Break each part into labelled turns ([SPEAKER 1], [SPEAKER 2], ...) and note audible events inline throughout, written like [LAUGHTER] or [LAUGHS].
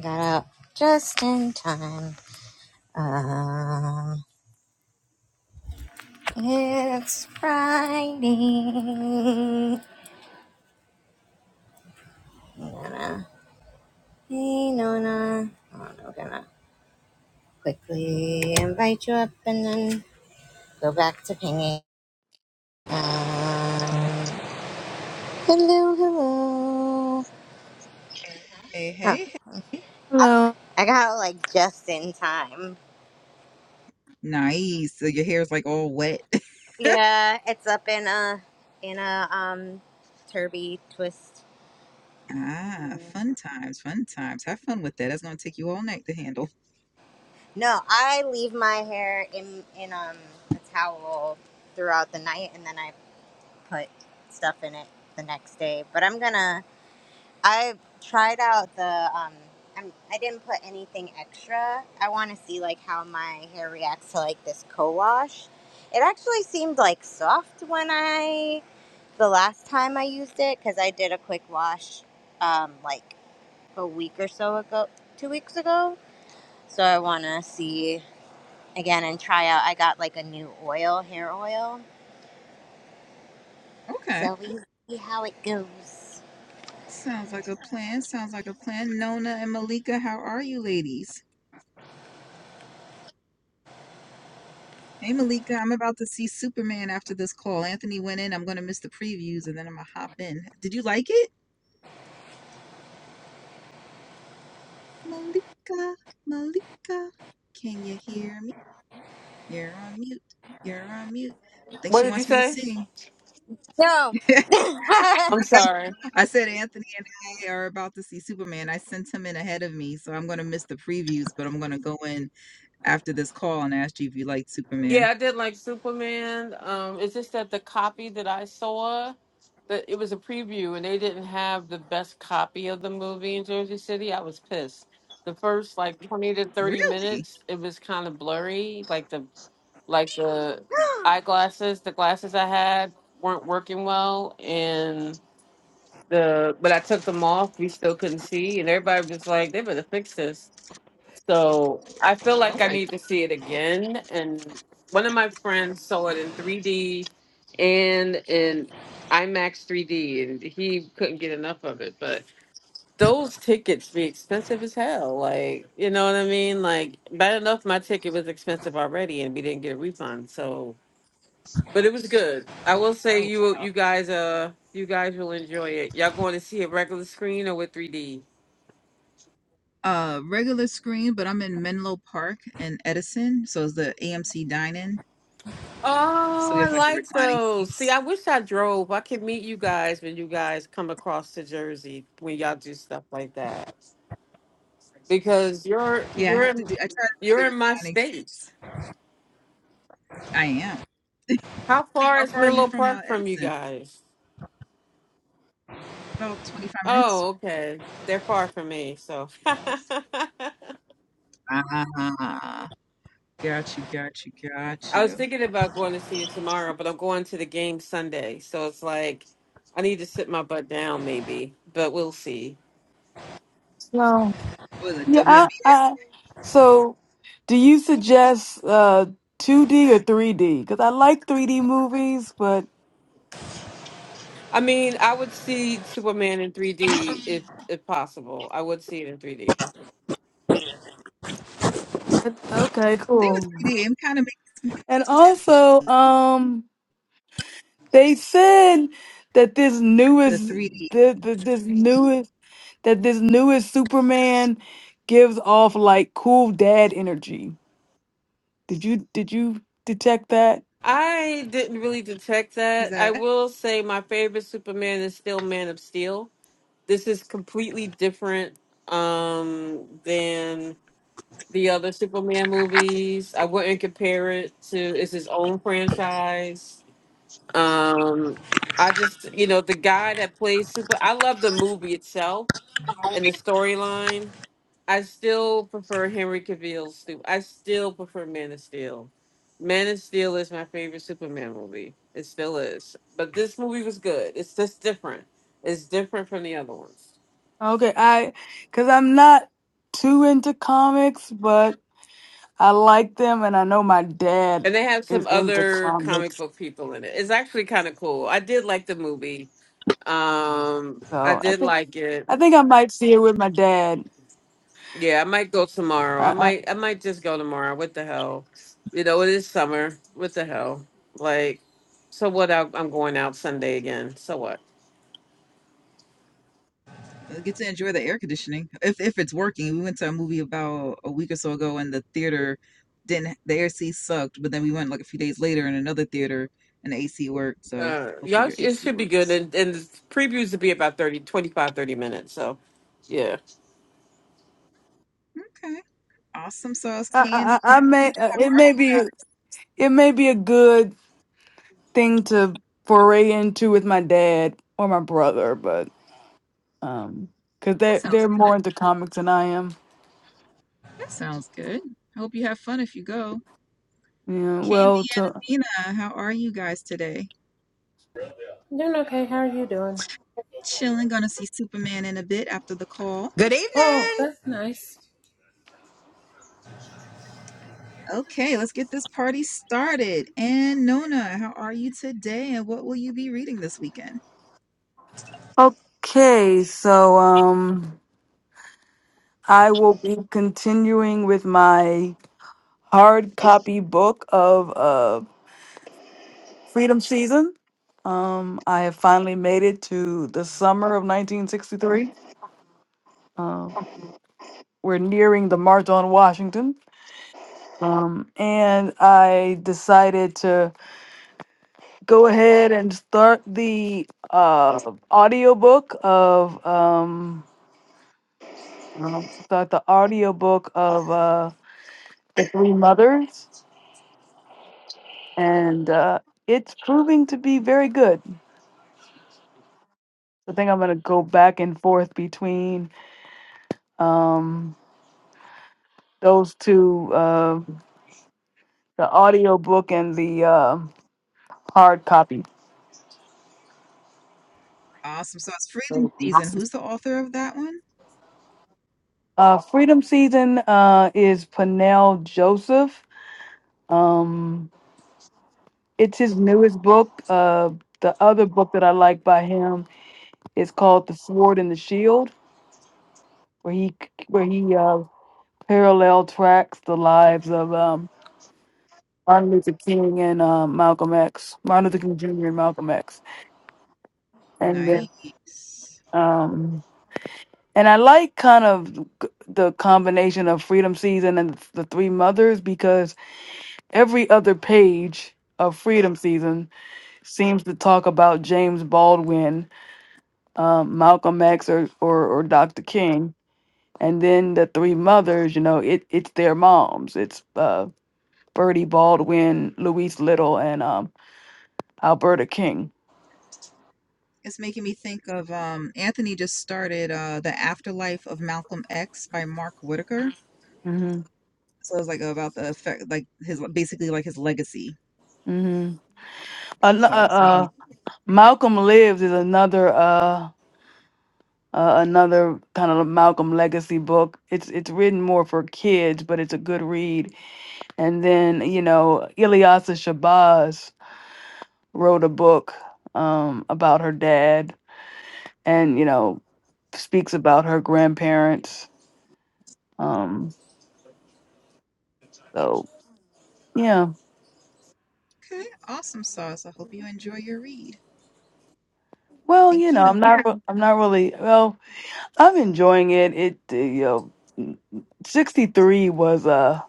[SPEAKER 1] Got up just in time. Um, it's Friday. I'm gonna, hey Nona, I'm gonna quickly invite you up and then go back to pinging. Um, hello, hello.
[SPEAKER 2] Hey,
[SPEAKER 1] Oh,
[SPEAKER 2] hey, hey.
[SPEAKER 1] I,
[SPEAKER 3] Hello.
[SPEAKER 1] I got out like just in time.
[SPEAKER 2] Nice. So your hair's like all wet. [LAUGHS]
[SPEAKER 1] Yeah, it's up in a in a um turby twist
[SPEAKER 2] Ah, fun times, fun times. Have fun with that. That's gonna take you all night to handle.
[SPEAKER 1] No, I leave my hair in in um a towel throughout the night, and then I put stuff in it the next day. But I'm gonna. I tried out the um. I'm, I didn't put anything extra. I want to see like how my hair reacts to like this co-wash. It actually seemed like soft when I the last time I used it because I did a quick wash, um, like a week or so ago, two weeks ago. So I want to see again and try out. I got like a new oil, hair oil.
[SPEAKER 2] Okay.
[SPEAKER 1] So we see how it goes.
[SPEAKER 2] Sounds like a plan. Sounds like a plan. Nona and Malika, how are you ladies? Hey Malika, I'm about to see Superman after this call. Anthony went in. I'm gonna miss the previews and then I'm gonna hop in. Did you like it? Malika, Malika, can you hear me? You're on mute. You're on mute. I think
[SPEAKER 4] What
[SPEAKER 2] she
[SPEAKER 4] did you
[SPEAKER 2] wants me to
[SPEAKER 4] say?
[SPEAKER 2] sing.
[SPEAKER 1] No.
[SPEAKER 2] [LAUGHS]
[SPEAKER 1] [LAUGHS]
[SPEAKER 4] I'm
[SPEAKER 2] [LAUGHS]
[SPEAKER 4] sorry.
[SPEAKER 2] I said Anthony and I are about to see Superman. I sent him in ahead of me, so I'm going to miss the previews, but I'm going to go in after this call and ask you if you liked
[SPEAKER 4] Yeah,
[SPEAKER 2] Superman.
[SPEAKER 4] I did like Superman. Um, it's just that the copy that I saw, that it was a preview, and they didn't have the best copy of the movie in Jersey City. I was pissed. The first like 20 to 30
[SPEAKER 2] Really?
[SPEAKER 4] minutes, it was kind of blurry. Like the like the eyeglasses, the glasses I had weren't working well, and the but I took them off. We still couldn't see, and everybody was like, "They better fix this." So I feel
[SPEAKER 2] Oh
[SPEAKER 4] like I
[SPEAKER 2] my
[SPEAKER 4] need to see it again. And one of my friends saw it in 3D and in IMAX 3D, and he couldn't get enough of it. But those tickets be expensive as hell. Like, you know what I mean? Like, bad enough my ticket was expensive already, and we didn't get a refund. So, but it was good. I will say
[SPEAKER 2] oh.
[SPEAKER 4] you you guys uh you guys will enjoy it. Y'all going to see a regular screen or with 3D?
[SPEAKER 2] Uh regular screen, but I'm in Menlo Park and Edison, so it's the AMC dine-in. So
[SPEAKER 4] Oh,
[SPEAKER 2] we
[SPEAKER 4] I
[SPEAKER 2] have like the
[SPEAKER 4] like
[SPEAKER 2] reclining
[SPEAKER 4] those. See,
[SPEAKER 2] seats.
[SPEAKER 4] I wish I drove. I could meet you guys when you guys come across to Jersey when y'all do stuff like that. Because you're
[SPEAKER 2] Yeah, I
[SPEAKER 4] you're
[SPEAKER 2] have to
[SPEAKER 4] in
[SPEAKER 2] do I try to do
[SPEAKER 4] you're
[SPEAKER 2] the
[SPEAKER 4] in my
[SPEAKER 2] reclining
[SPEAKER 4] state.
[SPEAKER 2] seats. I am.
[SPEAKER 4] How far
[SPEAKER 2] How
[SPEAKER 4] is
[SPEAKER 2] far are you
[SPEAKER 4] Menlo
[SPEAKER 2] from uh,
[SPEAKER 4] Park from you
[SPEAKER 2] Edison?
[SPEAKER 4] guys?
[SPEAKER 2] About 25 minutes.
[SPEAKER 4] Oh, okay. They're far from me, so [LAUGHS] I
[SPEAKER 2] Ah, got you, got you, got
[SPEAKER 4] was
[SPEAKER 2] you.
[SPEAKER 4] thinking about going to see it tomorrow, but I'm going to the game Sunday. So it's like I need to sit my butt down maybe, but we'll see.
[SPEAKER 3] Hello.
[SPEAKER 2] What is
[SPEAKER 3] Yeah.
[SPEAKER 2] it?
[SPEAKER 3] I, I, so, do you suggest uh 2D or 3D? Because I like 3D movies, but
[SPEAKER 4] I mean, I would see Superman in 3D if if possible. I would see it in 3D.
[SPEAKER 3] okay,
[SPEAKER 2] thing with
[SPEAKER 3] cool.
[SPEAKER 2] 3D, it kind of makes
[SPEAKER 3] And also,
[SPEAKER 2] me
[SPEAKER 3] um, they said that this
[SPEAKER 2] the
[SPEAKER 3] newest,
[SPEAKER 2] 3D
[SPEAKER 3] that that this newest, that this newest Superman gives off like cool dad energy. Did you did you detect that?
[SPEAKER 4] I didn't really detect
[SPEAKER 2] because
[SPEAKER 4] that. I
[SPEAKER 2] I
[SPEAKER 4] will say my favorite Superman is still Man of Steel. This is completely different um than the other Superman movies. I wouldn't compare it to it's his own franchise. Um I just, you know, the guy that plays Super I love the movie itself and the storyline I still prefer Henry Cavill's Stu. I still prefer Man of Steel. Man of Steel is my favorite Superman movie. It still is. But this movie was good. It's just different. It's different from the other ones.
[SPEAKER 3] Okay, I because I'm not too into comics, but. I like them, and I know my dad
[SPEAKER 4] And they have
[SPEAKER 3] is
[SPEAKER 4] some
[SPEAKER 3] into
[SPEAKER 4] other comic
[SPEAKER 3] comics,
[SPEAKER 4] book people in it. It's actually kind of cool. I did like the movie. Um, I
[SPEAKER 3] so I
[SPEAKER 4] did
[SPEAKER 3] think
[SPEAKER 4] like it.
[SPEAKER 3] I think I might see it with my dad.
[SPEAKER 4] Yeah, I might go tomorrow. I
[SPEAKER 3] I
[SPEAKER 4] might. I might just go tomorrow. What the hell? You know, it is summer. What the hell? Like, so what? I, I'm going out Sunday again. So what?
[SPEAKER 2] get to enjoy the air conditioning if if it's working. We went to a movie about a week or so ago, and the theater didn't the AC sucked, but then we went like a few days later in another theater, and the AC worked. So
[SPEAKER 4] Uh,
[SPEAKER 2] hopefully
[SPEAKER 4] y'all,
[SPEAKER 2] your
[SPEAKER 4] sh- it
[SPEAKER 2] AC
[SPEAKER 4] should be good.
[SPEAKER 2] works.
[SPEAKER 4] And, and the previews will be about thirty, twenty-five, thirty minutes. So, yeah.
[SPEAKER 2] Okay, awesome sauce
[SPEAKER 3] I, I,
[SPEAKER 2] candy.
[SPEAKER 3] I
[SPEAKER 2] and
[SPEAKER 3] I
[SPEAKER 2] Nina,
[SPEAKER 3] may uh, it
[SPEAKER 2] how are
[SPEAKER 3] may
[SPEAKER 2] you?
[SPEAKER 3] be it may be a good thing to foray into with my dad or my brother, but um, because
[SPEAKER 2] That
[SPEAKER 3] they
[SPEAKER 2] sounds
[SPEAKER 3] they're
[SPEAKER 2] good.
[SPEAKER 3] more into comics than I am.
[SPEAKER 2] That sounds good. I hope you have fun if you go.
[SPEAKER 3] Yeah, well,
[SPEAKER 2] Candy
[SPEAKER 3] to
[SPEAKER 2] and Amina. how are you guys today?
[SPEAKER 5] Doing okay. How are you doing?
[SPEAKER 2] Chilling, gonna see Superman in a bit after the call.
[SPEAKER 6] Good
[SPEAKER 5] Oh,
[SPEAKER 6] evening.
[SPEAKER 5] that's nice.
[SPEAKER 2] Okay, let's get this party started. And Nona, how are you today? And what will you be reading this weekend?
[SPEAKER 3] okay, so um, I will be continuing with my hard copy book of uh freedom season. Um, I have finally made it to the summer of 1963. Uh, we're nearing the March on Washington. Um, and I decided to go ahead and start the uh, audiobook of, um, uh, start the audiobook of uh, The Three Mothers. And uh, it's proving to be very good. I think I'm going to go back and forth between. Um, those two, uh, the audio book and the uh, hard copy.
[SPEAKER 2] Awesome. So it's Freedom Season. Who's the author of that one?
[SPEAKER 3] Uh, Freedom Season uh, is Panel Joseph. Um, it's his newest book. Uh, the other book that I like by him is called The Sword and the Shield, where he where he uh, parallel tracks the lives of um, Martin Luther King and uh, Malcolm X, Martin Luther King Jr. and Malcolm X, and then
[SPEAKER 2] Nice.
[SPEAKER 3] um, And I like kind of g- the combination of Freedom Season and the Three Mothers because every other page of Freedom Season seems to talk about James Baldwin, um, Malcolm X, or, or or Dr. King. And then the Three Mothers, you know, it it's their moms. It's uh, Bertie Baldwin, Louise Little, and um, Alberta King.
[SPEAKER 2] It's making me think of um, Anthony just started uh, the Afterlife of Malcolm X by Mark Whitaker.
[SPEAKER 3] Mm-hmm.
[SPEAKER 2] So it's like about the effect, like his basically like his legacy.
[SPEAKER 3] Mm-hmm. Uh,
[SPEAKER 2] So it's making me
[SPEAKER 3] uh, Malcolm Lives is another. Uh, uh, another kind of Malcolm legacy book. It's it's written more for kids, but it's a good read. And then you know, Ilyasa Shabazz wrote a book um, about her dad, and you know, speaks about her grandparents. Um, so yeah,
[SPEAKER 2] okay. Awesome sauce. I hope you enjoy your read.
[SPEAKER 3] well,
[SPEAKER 2] Thank
[SPEAKER 3] you
[SPEAKER 2] you.
[SPEAKER 3] know,
[SPEAKER 2] No,
[SPEAKER 3] I'm not re- I'm not really well. I'm enjoying it. It uh, you know, mm, 63 was a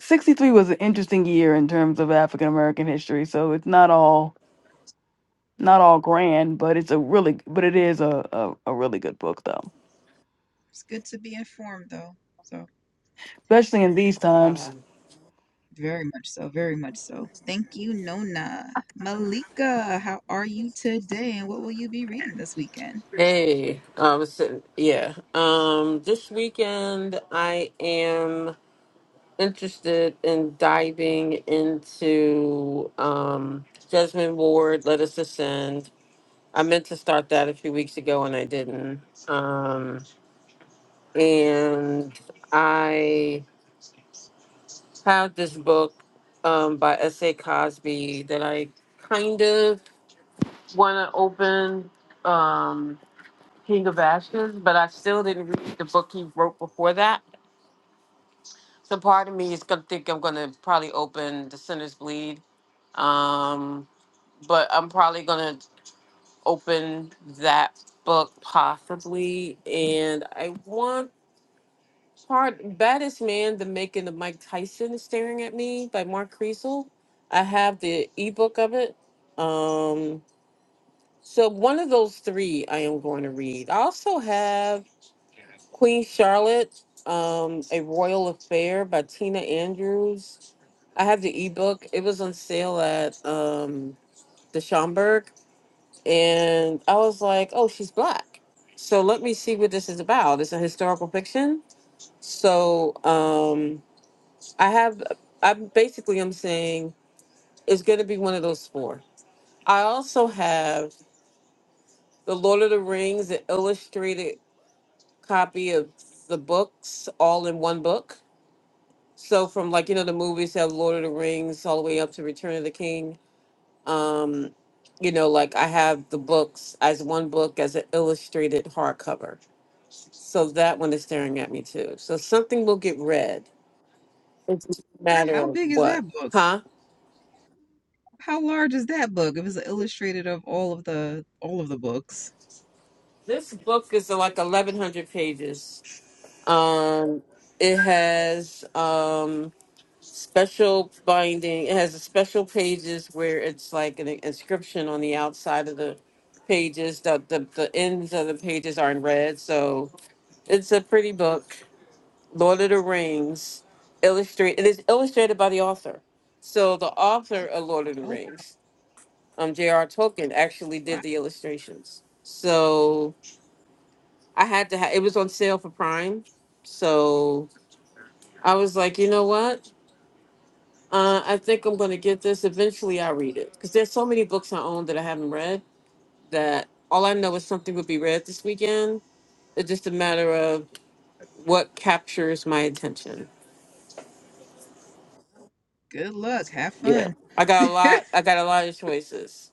[SPEAKER 3] 63 was an interesting year in terms of African American history. So it's not all Not all grand, but it's a really, but it is a, a, a really good book though,
[SPEAKER 2] it's good to be informed though. So
[SPEAKER 3] especially in these times.
[SPEAKER 4] Um,
[SPEAKER 2] very much so, very much so. Thank you, Nona. Malika, how are you today? And what will you be reading this weekend?
[SPEAKER 4] hey, um, so- yeah. Um, this weekend, I am interested in diving into um, Jasmine Ward, Let Us Ascend. I meant to start that a few weeks ago and I didn't. Um, and I have this book um, by S.A. Cosby that I kind of want to open um, King of Ashes, but I still didn't read the book he wrote before that. So part of me is going to think I'm going to probably open The Sinner's Bleed, um, but I'm probably going to open that book possibly. And I want. Hard Baddest Man, The Making of Mike Tyson is Staring at Me by Mark Creasel. I have the ebook of it. Um, so one of those three I am going to read. I also have Queen Charlotte, um, A Royal Affair by Tina Andrews. I have the ebook. It was on sale at um the Schomburg. And I was like, oh, she's black. So let me see what this is about. It's a historical fiction. So um I have, I'm basically, I'm saying it's going to be one of those four. I also have the Lord of the Rings, an illustrated copy of the books, all in one book. So from like, you know, the movies have Lord of the Rings all the way up to Return of the King. Um, you know, like I have the books as one book as an illustrated hardcover. So that one is staring at me too. So something will get read. It's just a matter
[SPEAKER 2] How
[SPEAKER 4] of
[SPEAKER 2] big is that
[SPEAKER 4] what,
[SPEAKER 2] book?
[SPEAKER 4] huh?
[SPEAKER 2] How large is that book? It was illustrated of all of the all of the books.
[SPEAKER 4] This book is uh, like 1,100 pages. Um, it has um, special binding. It has special pages where it's like an inscription on the outside of the pages. The, the, the ends of the pages are in red. So it's a pretty book. Lord of the Rings, illustrate. It is illustrated by the author. So the author of Lord of the
[SPEAKER 2] oh.
[SPEAKER 4] Rings, um, J.R. Tolkien, actually
[SPEAKER 2] Wow,
[SPEAKER 4] did the illustrations. So I had to have it was on sale for Prime. So I was like, you know what? Uh, I think I'm gonna get this. Eventually I'll read it. Because there's so many books I own that I haven't read that all I know is something will be read this weekend. It's just a matter of what captures my attention.
[SPEAKER 2] good luck. Have
[SPEAKER 4] Yeah.
[SPEAKER 2] fun.
[SPEAKER 4] I
[SPEAKER 2] [LAUGHS]
[SPEAKER 4] got a lot I got a lot of choices.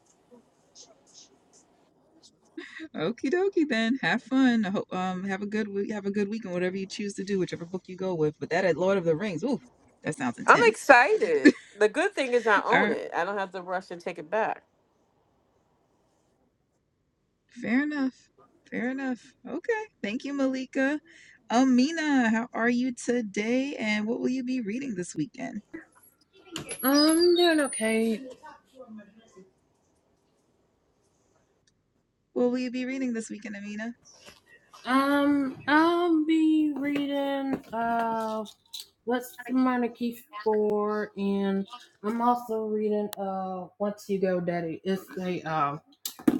[SPEAKER 2] Okie dokie then. Have fun. I hope- Um, have a good week. Have a good weekend, whatever you choose to do, whichever book you go with. But that at Lord of the Rings, ooh, that sounds
[SPEAKER 4] I'm
[SPEAKER 2] intense.
[SPEAKER 4] excited. The good thing is I
[SPEAKER 2] All
[SPEAKER 4] own
[SPEAKER 2] right,
[SPEAKER 4] it. I don't have to rush and take it back.
[SPEAKER 2] fair enough. Fair enough. Okay. Thank you, Malika. Amina, how are you today? And what will you be reading this weekend?
[SPEAKER 5] I'm doing okay.
[SPEAKER 2] What will you be reading this weekend, Amina?
[SPEAKER 5] Um, I'll be reading uh, what's the monarchy for, and I'm also reading uh, Once You Go, Daddy. It's a uh,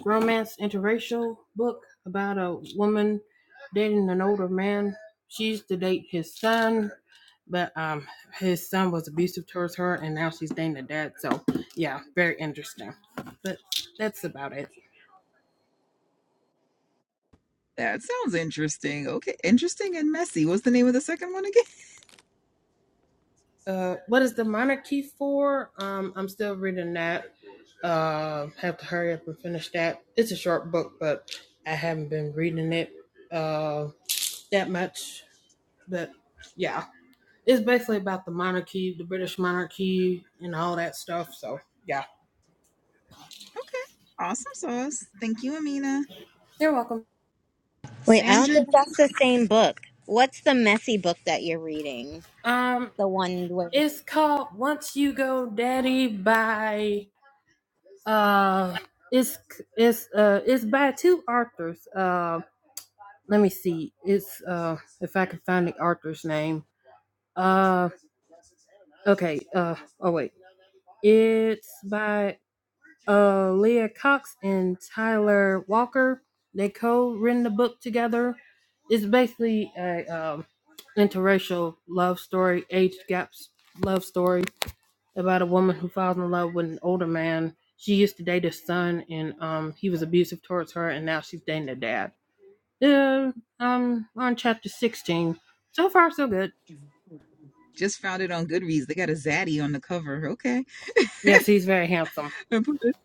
[SPEAKER 5] romance interracial book about a woman dating an older man. She used to date his son, but um his son was abusive towards her and now she's dating a dad so yeah very interesting but that's about it
[SPEAKER 2] That sounds interesting. Okay, interesting and messy. What's the name of the second one again?
[SPEAKER 5] uh what is the monarchy for um i'm still reading that uh have to hurry up and finish that it's a short book but i haven't been reading it uh that much but yeah it's basically about the monarchy the british monarchy and all that stuff so yeah
[SPEAKER 2] [LAUGHS] Okay, awesome sauce. Thank you, Amina.
[SPEAKER 5] you're welcome
[SPEAKER 1] Wait, I don't
[SPEAKER 2] Sandra
[SPEAKER 1] think that's the same book. What's the messy book that you're reading?
[SPEAKER 5] um
[SPEAKER 1] The one where. I'm
[SPEAKER 5] it's called once you go daddy by Uh, it's it's uh it's by two authors. Uh, let me see. It's uh if I can find the author's name. Uh, okay. Uh, oh wait. It's by uh Leah Cox and Tyler Walker. They co-written the book together. It's basically a um interracial love story, age gaps love story. about a woman who falls in love with an older man. She used to date his son, and um, he was abusive towards her, and now she's dating the dad. Uh, um, on chapter sixteen. So far, so good.
[SPEAKER 2] Just found it on Goodreads. They got a zaddy on the cover. Okay.
[SPEAKER 5] Yes, he's very handsome.
[SPEAKER 2] [LAUGHS] I put it,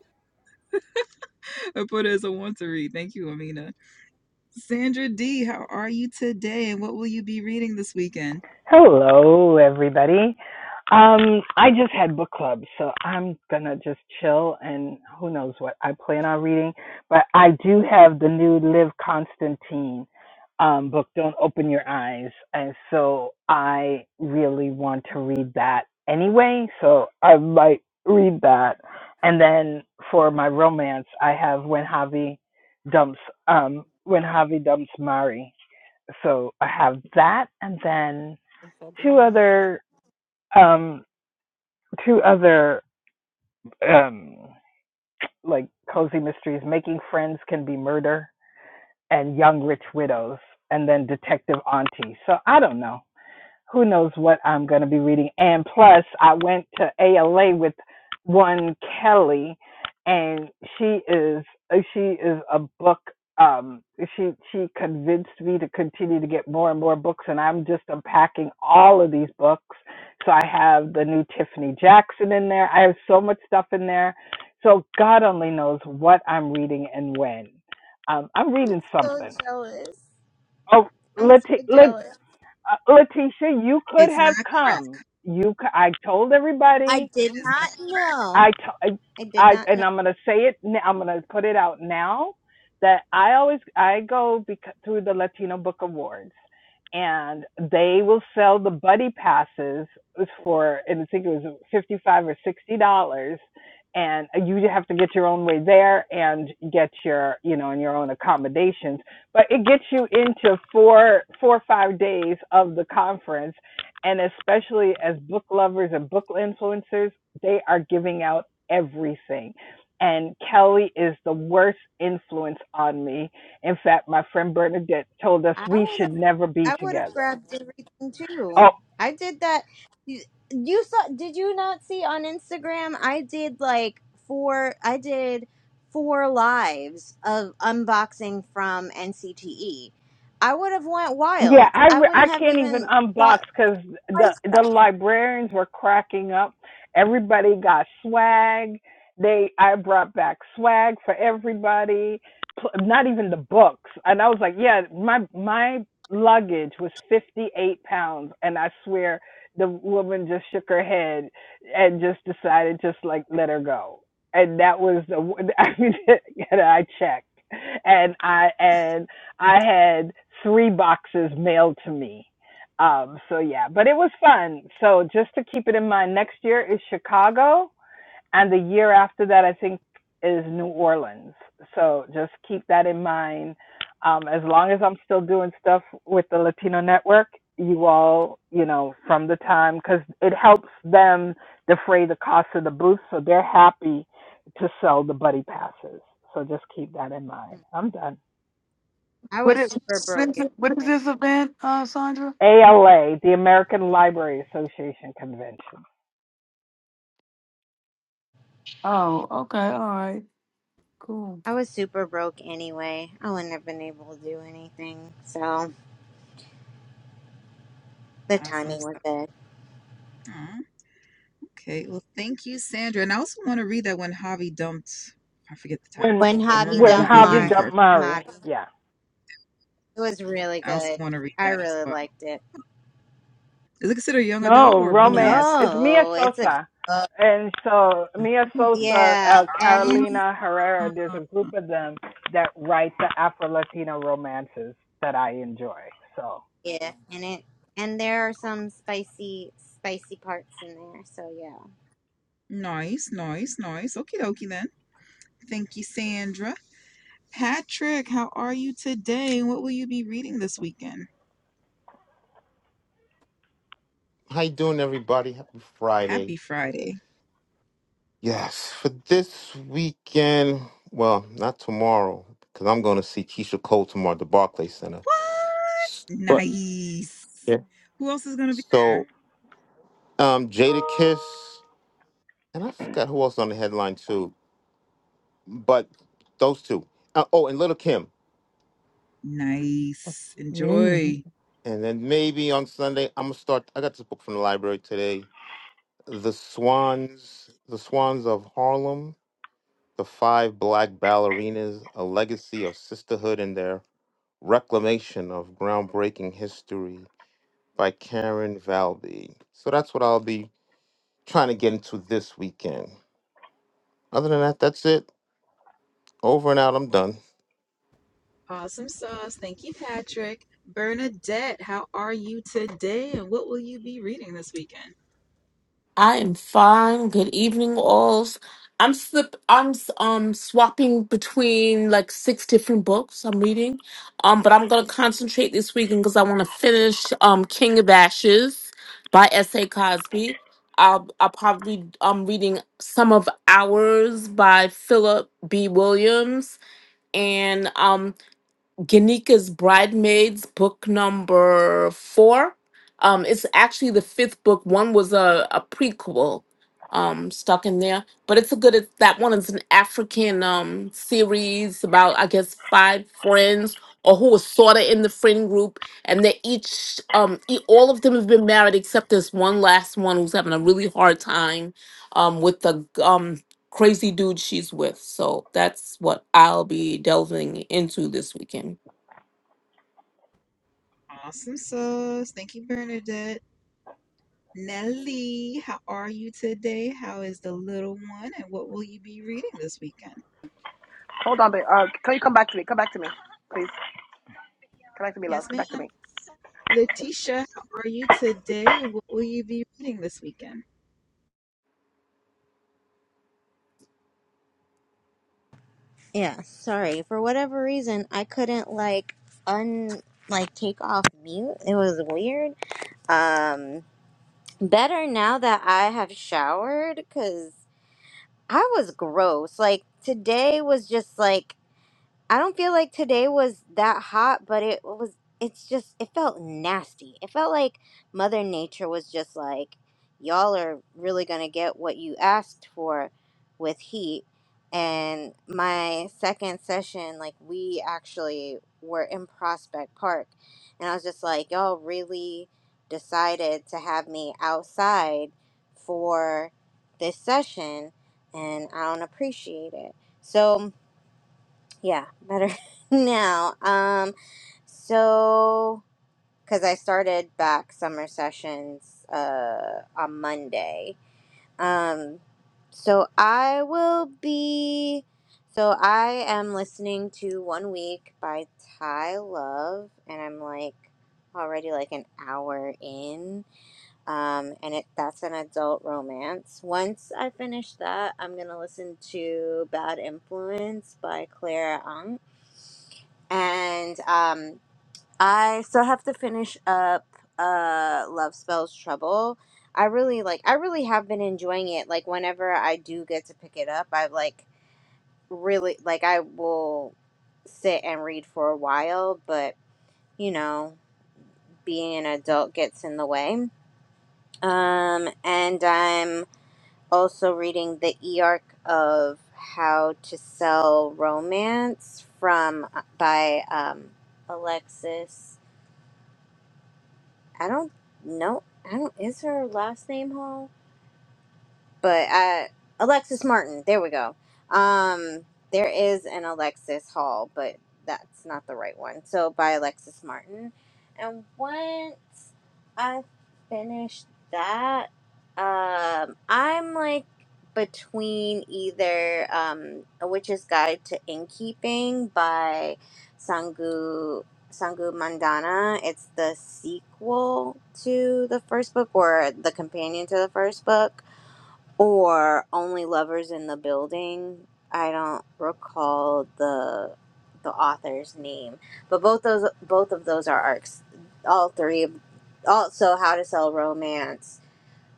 [SPEAKER 2] I put it as a want to read. Thank you, Amina. Sandra D, how are you today? And what will you be reading this weekend?
[SPEAKER 7] Hello, everybody. Um, I just had book club, so I'm gonna just chill and who knows what I plan on reading. But I do have the new Liv Constantine um, book, Don't Open Your Eyes, and so I really want to read that anyway. So I might read that, and then for my romance, I have When Javi Dumps um, When Javi Dumps Mari. So I have that, and then
[SPEAKER 4] If I'll be
[SPEAKER 7] two
[SPEAKER 4] honest.
[SPEAKER 7] other um two other um like cozy mysteries making friends can be murder and young rich widows and then detective auntie so i don't know who knows what I'm going to be reading. And plus, I went to ALA with one Kelly, and she is uh, she is a book. Um, she she convinced me to continue to get more and more books, and I'm just unpacking all of these books. So I have the new Tiffany Jackson in there. I have so much stuff in there. So God only knows what I'm reading and when. Um, I'm reading
[SPEAKER 1] so
[SPEAKER 7] something.
[SPEAKER 1] jealous.
[SPEAKER 7] Oh,
[SPEAKER 1] I'm so
[SPEAKER 7] Leti-
[SPEAKER 1] jealous.
[SPEAKER 7] uh, Letitia, you could
[SPEAKER 2] It's
[SPEAKER 7] have
[SPEAKER 2] not crap.
[SPEAKER 7] come. You, c- I told
[SPEAKER 1] I
[SPEAKER 7] everybody,
[SPEAKER 1] did
[SPEAKER 2] It is
[SPEAKER 1] not know.
[SPEAKER 7] I, t- I,
[SPEAKER 1] I did
[SPEAKER 7] I-
[SPEAKER 1] not know.
[SPEAKER 7] and I'm gonna say it. n- I'm gonna put it out now that I always I go bec- through the Latino Book Awards, and they will sell the buddy passes for, and I think it was fifty five or sixty dollars, and you have to get your own way there and get your, you know, and your own accommodations. But it gets you into four, four or five days of the conference and especially as book lovers and book influencers, they are giving out everything. And Kelly is the worst influence on me. In fact, my friend Bernadette told us
[SPEAKER 1] I
[SPEAKER 7] we
[SPEAKER 1] would
[SPEAKER 7] should
[SPEAKER 1] have,
[SPEAKER 7] never be
[SPEAKER 1] I would have
[SPEAKER 7] together.
[SPEAKER 1] grabbed everything
[SPEAKER 7] Oh,
[SPEAKER 1] too. I did that. You, you saw? Did you not see on Instagram? I did like four. I did four lives of unboxing from NCTE. I would have went
[SPEAKER 7] Yeah,
[SPEAKER 1] wild.
[SPEAKER 7] I
[SPEAKER 1] I
[SPEAKER 7] re-
[SPEAKER 1] wouldn't
[SPEAKER 7] I
[SPEAKER 1] have
[SPEAKER 7] can't even
[SPEAKER 1] even
[SPEAKER 7] unbox
[SPEAKER 1] thought
[SPEAKER 7] because the
[SPEAKER 1] twice
[SPEAKER 7] the
[SPEAKER 1] that.
[SPEAKER 7] librarians were cracking up. Everybody got swag. They I brought back swag for everybody. pl- Not even the books, and I was like, yeah, my my luggage was fifty eight pounds, and I swear the woman just shook her head and just decided just like let her go, and that was the [LAUGHS] I mean, [LAUGHS] and I checked, and I and I had three boxes mailed to me. Um, so yeah, but it was fun. So just to keep it in mind, next year is Chicago, and the year after that, I think, is New Orleans. So just keep that in mind. Um, as long as I'm still doing stuff with the Latino Network, you all, you know, from the time, because it helps them defray the cost of the booth, so they're happy to sell the buddy passes. So just keep that in mind. I'm done.
[SPEAKER 1] I
[SPEAKER 3] What
[SPEAKER 1] was
[SPEAKER 3] is
[SPEAKER 1] super broke.
[SPEAKER 3] what is
[SPEAKER 1] Anyway.
[SPEAKER 3] this event, uh, Sandra?
[SPEAKER 7] ALA, the American Library Association convention.
[SPEAKER 3] Oh, okay, all right, cool.
[SPEAKER 1] I was super broke anyway. I wouldn't have been able to do anything. So the
[SPEAKER 2] not awesome
[SPEAKER 1] timing was
[SPEAKER 2] stuff.
[SPEAKER 1] good.
[SPEAKER 2] Aw, okay. Well, thank you, Sandra. And I also want to read that when Javi dumped, I forget the title.
[SPEAKER 7] When
[SPEAKER 2] I
[SPEAKER 1] When
[SPEAKER 2] I remember
[SPEAKER 1] Javi
[SPEAKER 2] the
[SPEAKER 7] when
[SPEAKER 2] be-
[SPEAKER 1] dumped
[SPEAKER 7] Javi
[SPEAKER 2] beginning
[SPEAKER 1] Mari,
[SPEAKER 2] part.
[SPEAKER 7] Damari,
[SPEAKER 1] Mari.
[SPEAKER 7] yeah,
[SPEAKER 1] It was really
[SPEAKER 2] I also
[SPEAKER 1] good.
[SPEAKER 2] want to read
[SPEAKER 1] I
[SPEAKER 2] that as
[SPEAKER 1] really
[SPEAKER 2] well.
[SPEAKER 1] liked it.
[SPEAKER 2] Is it considered young adult
[SPEAKER 7] no
[SPEAKER 2] or
[SPEAKER 7] romance.
[SPEAKER 2] romance?
[SPEAKER 7] It's Mia
[SPEAKER 1] No, it's a
[SPEAKER 7] Sosa,
[SPEAKER 1] uh,
[SPEAKER 7] and so Mia
[SPEAKER 2] Oh.
[SPEAKER 7] Sosa,
[SPEAKER 1] yeah,
[SPEAKER 7] uh,
[SPEAKER 1] and it's
[SPEAKER 7] Carolina Herrera. There's a group of them that write the Afro Latino romances that I enjoy. So,
[SPEAKER 1] yeah, and it and there are some spicy spicy parts in there. So yeah,
[SPEAKER 2] Nice, nice, nice. Okie dokie then. Thank you, Sandra. Patrick, how are you today? What will you be reading this weekend?
[SPEAKER 8] How you doing, everybody? Happy Friday.
[SPEAKER 2] Happy Friday.
[SPEAKER 8] Yes, for this weekend. Well, not tomorrow because I'm going to see Keisha Cole tomorrow at the Barclay Center.
[SPEAKER 2] What?
[SPEAKER 8] But
[SPEAKER 2] Nice.
[SPEAKER 8] yeah.
[SPEAKER 2] Who else is going to be there?
[SPEAKER 8] So, um, Jada Kiss, and I forgot who else on the headline too. But those two. Uh, oh, and Little Kim.
[SPEAKER 2] Nice.
[SPEAKER 9] Mm.
[SPEAKER 2] Enjoy.
[SPEAKER 8] And then maybe on Sunday I'm gonna start. I got this book from the library today. The Swans, The Swans of Harlem, The Five Black Ballerinas: A Legacy of Sisterhood in Their Reclamation of Groundbreaking History by Karen Valby. So that's what I'll be trying to get into this weekend. Other than that, that's it. Over and out. I'm done.
[SPEAKER 2] Awesome sauce. Thank you, Patrick. Bernadette, how are you today? And what will you be reading this weekend?
[SPEAKER 9] I am fine. Good evening, alls. I'm slip. I'm s- um swapping between like six different books I'm reading, um. But I'm gonna concentrate this weekend because I want to finish um King of Ashes by S. A. Cosby. I'll I'll probably um reading some of Hours by Philip B. Williams and um Ganika's Bridesmaids, book number four. Um, it's actually the fifth book. One was a, a prequel um, stuck in there, but it's a good. It's, that one is an African um, series about, I guess, five friends or who were sort of in the friend group, and they each, um, e- all of them have been married except this one last one who's having a really hard time um, with the um, crazy dude she's with. So that's what I'll be delving into this weekend.
[SPEAKER 2] Awesome sauce. Thank you, Bernadette. Nelly, how are you today? How is the little one? And what will you be reading this weekend?
[SPEAKER 10] Hold on, babe. Uh, can you come back to me? Come back to me, please. Come back to me, love.
[SPEAKER 2] Yes,
[SPEAKER 10] Come back to
[SPEAKER 2] ma'am.
[SPEAKER 10] me.
[SPEAKER 2] Letitia, how are you today? What will you be reading this weekend?
[SPEAKER 1] yeah. Sorry for whatever reason I couldn't like un like take off mute. It was weird. Um, better now that I have showered because I was gross. Like today was just like I don't feel like today was that hot, but it was it's just it felt nasty. It felt like mother nature was just like y'all are really going to get what you asked for with heat. And my second session like we actually were in Prospect Park and I was just like y'all really decided to have me outside for this session and I don't appreciate it. So yeah, better [LAUGHS] now. Um, so because I started back summer sessions uh on Monday. Um, so I will be. So I am listening to One Week by Ty Love, and I'm like already like an hour in. Um, and it that's an adult romance. Once I finish that, I'm gonna listen to Bad Influence by Clara Ang and um, I still have to finish up uh, Love Spells Trouble. I really like. I really have been enjoying it. Like whenever I do get to pick it up, I like really like. I will sit and read for a while, but you know, being an adult gets in the way. Um, and I'm also reading the e arc of How to Sell Romance from uh, by um, Alexis I don't know. I don't. Is her last name Hall? but uh, Alexis Martin. There we go. Um, there is an Alexis Hall, but that's not the right one. So by Alexis Martin. And once I finish that, um, I'm like between either um, A Witch's Guide to Innkeeping by Sangu. Sangu Mandana. It's the sequel to the first book or the companion to the first book or only lovers in the building i don't recall the the author's name but both those both of those are arcs all three of also how to sell romance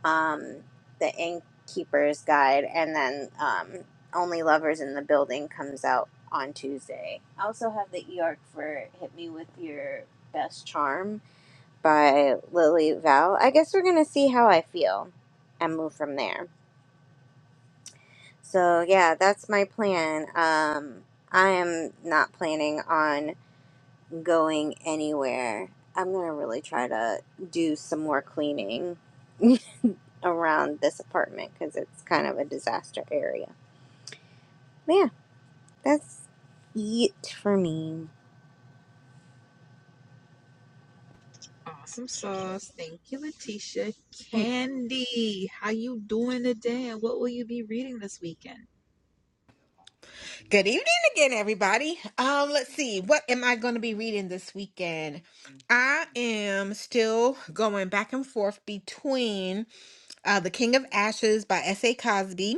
[SPEAKER 1] um the innkeeper's guide and then um only lovers in the building comes out on tuesday i also have the e-arc for hit me with your best charm by lily val i guess we're gonna see how i feel and move from there so yeah, that's my plan. Um, I am not planning on going anywhere. I'm gonna really try to do some more cleaning [LAUGHS] around this apartment because it's kind of a disaster area. Yeah, that's it for me.
[SPEAKER 2] Awesome sauce. Thank you, Letitia.
[SPEAKER 1] Mm.
[SPEAKER 2] Candy, how you doing today? And what will you be reading this weekend?
[SPEAKER 6] Good evening again, everybody. Um, let's see. What am I going to be reading this weekend? I am still going back and forth between uh, The King of Ashes by S.A. Cosby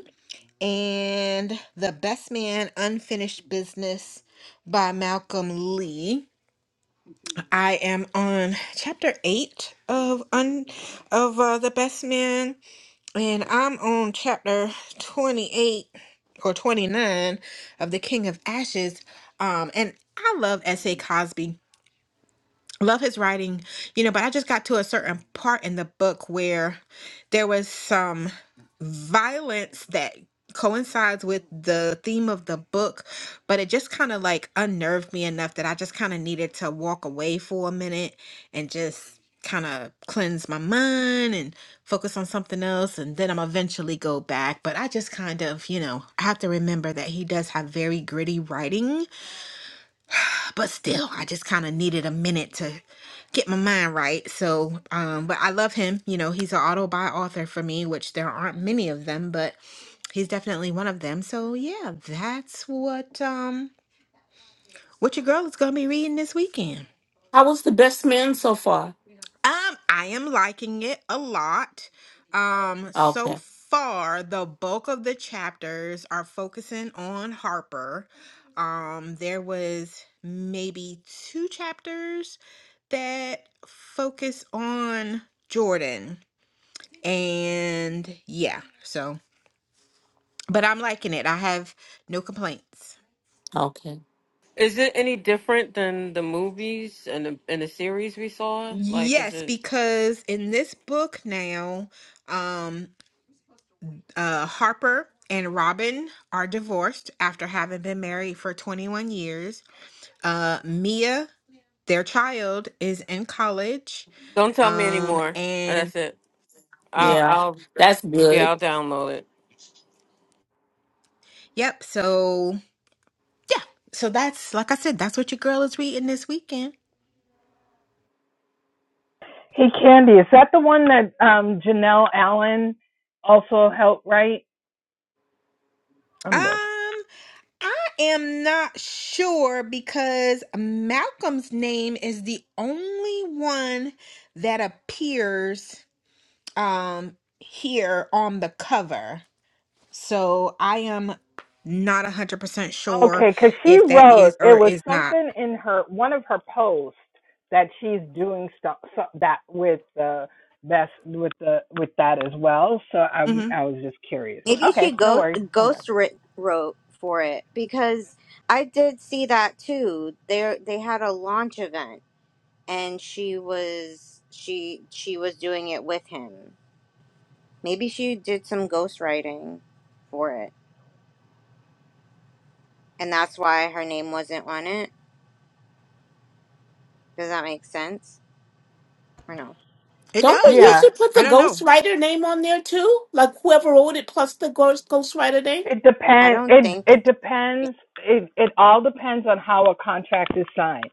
[SPEAKER 6] and The Best Man Unfinished Business by Malcolm Lee. I am on chapter 8 of un- of uh, The Best Man and I'm on chapter 28 or 29 of The King of Ashes. Um, and I love S.A. Cosby love his writing you know but i just got to a certain part in the book where there was some violence that coincides with the theme of the book but it just kind of like unnerved me enough that i just kind of needed to walk away for a minute and just kind of cleanse my mind and focus on something else and then i'm eventually go back but i just kind of you know i have to remember that he does have very gritty writing but still i just kind of needed a minute to get my mind right so um but i love him you know he's an auto-buy author for me which there aren't many of them but he's definitely one of them so yeah that's what um what your girl is gonna be reading this weekend
[SPEAKER 9] I was the best man so far?
[SPEAKER 6] Um, I am liking it a lot. Um, so
[SPEAKER 9] Okay.
[SPEAKER 6] far, the bulk of the chapters are focusing on Harper. Um, there was maybe two chapters that focus on Jordan. And yeah, so, but I'm liking it. I have no complaints.
[SPEAKER 9] Okay.
[SPEAKER 4] Is it any different than the movies and the and the series we saw? Like, is
[SPEAKER 6] Yes,
[SPEAKER 4] it?
[SPEAKER 6] because in this book now, um. Uh, Harper and Robin are divorced after having been married for 21 years. Uh, Mia, their child, is in college.
[SPEAKER 4] Don't tell me
[SPEAKER 6] Um,
[SPEAKER 4] anymore.
[SPEAKER 6] and
[SPEAKER 4] That's it.
[SPEAKER 6] yeah,
[SPEAKER 4] I'll,
[SPEAKER 9] Yeah.
[SPEAKER 4] I'll
[SPEAKER 9] That's
[SPEAKER 4] yeah,
[SPEAKER 9] good.
[SPEAKER 4] I'll download it.
[SPEAKER 6] yep. So yeah, so that's like I said, that's what your girl is reading this weekend.
[SPEAKER 7] hey Candy, is that the one that um, Janelle Allen also helped write?
[SPEAKER 6] Um,
[SPEAKER 7] I'm done.
[SPEAKER 6] I am not sure because Malcolm's name is the only one that appears um here on the cover. So I am not 100% sure
[SPEAKER 7] Okay, because she
[SPEAKER 6] if that is
[SPEAKER 7] wrote
[SPEAKER 6] or
[SPEAKER 7] it was
[SPEAKER 6] is not.
[SPEAKER 7] something in her one of her posts that she's doing stuff so, that with the best with the with that as well. So I
[SPEAKER 6] hmm
[SPEAKER 7] I was just curious.
[SPEAKER 1] Maybe she
[SPEAKER 7] Okay, no
[SPEAKER 1] go
[SPEAKER 7] worries, I'm done.
[SPEAKER 1] ghost writ- wrote for it because I did see that too. There they had a launch event and she was she she was doing it with him Maybe she did some ghostwriting for it, and that's why her name wasn't on it. Does that make sense? Or no?
[SPEAKER 6] It
[SPEAKER 9] Don't they
[SPEAKER 6] does, but
[SPEAKER 7] Yeah,
[SPEAKER 9] usually put
[SPEAKER 6] I
[SPEAKER 9] the
[SPEAKER 6] don't know.
[SPEAKER 9] ghostwriter name on there too? Like whoever wrote it plus the ghost ghostwriter name?
[SPEAKER 7] It
[SPEAKER 1] I
[SPEAKER 7] depends.
[SPEAKER 1] don't
[SPEAKER 7] It
[SPEAKER 1] think.
[SPEAKER 7] it depends. It it all depends on how a contract is signed.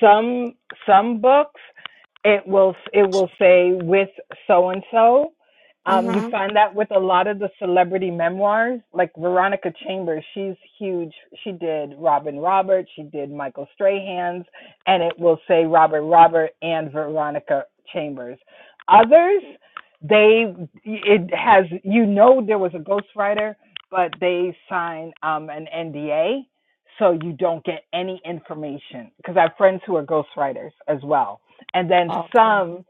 [SPEAKER 7] Some some books, it will it will say with so and so. Um, you
[SPEAKER 9] Uh-huh.
[SPEAKER 7] find that with a lot of the celebrity memoirs, like Veronica Chambers, she's huge. She did Robin Roberts, she did Michael Strahan's, and it will say Robert Robert and Veronica Chambers. Others, they it has you know there was a ghostwriter but they sign um, an NDA, so you don't get any information. Because I have friends who are ghostwriters as well, and then
[SPEAKER 9] Okay.
[SPEAKER 7] some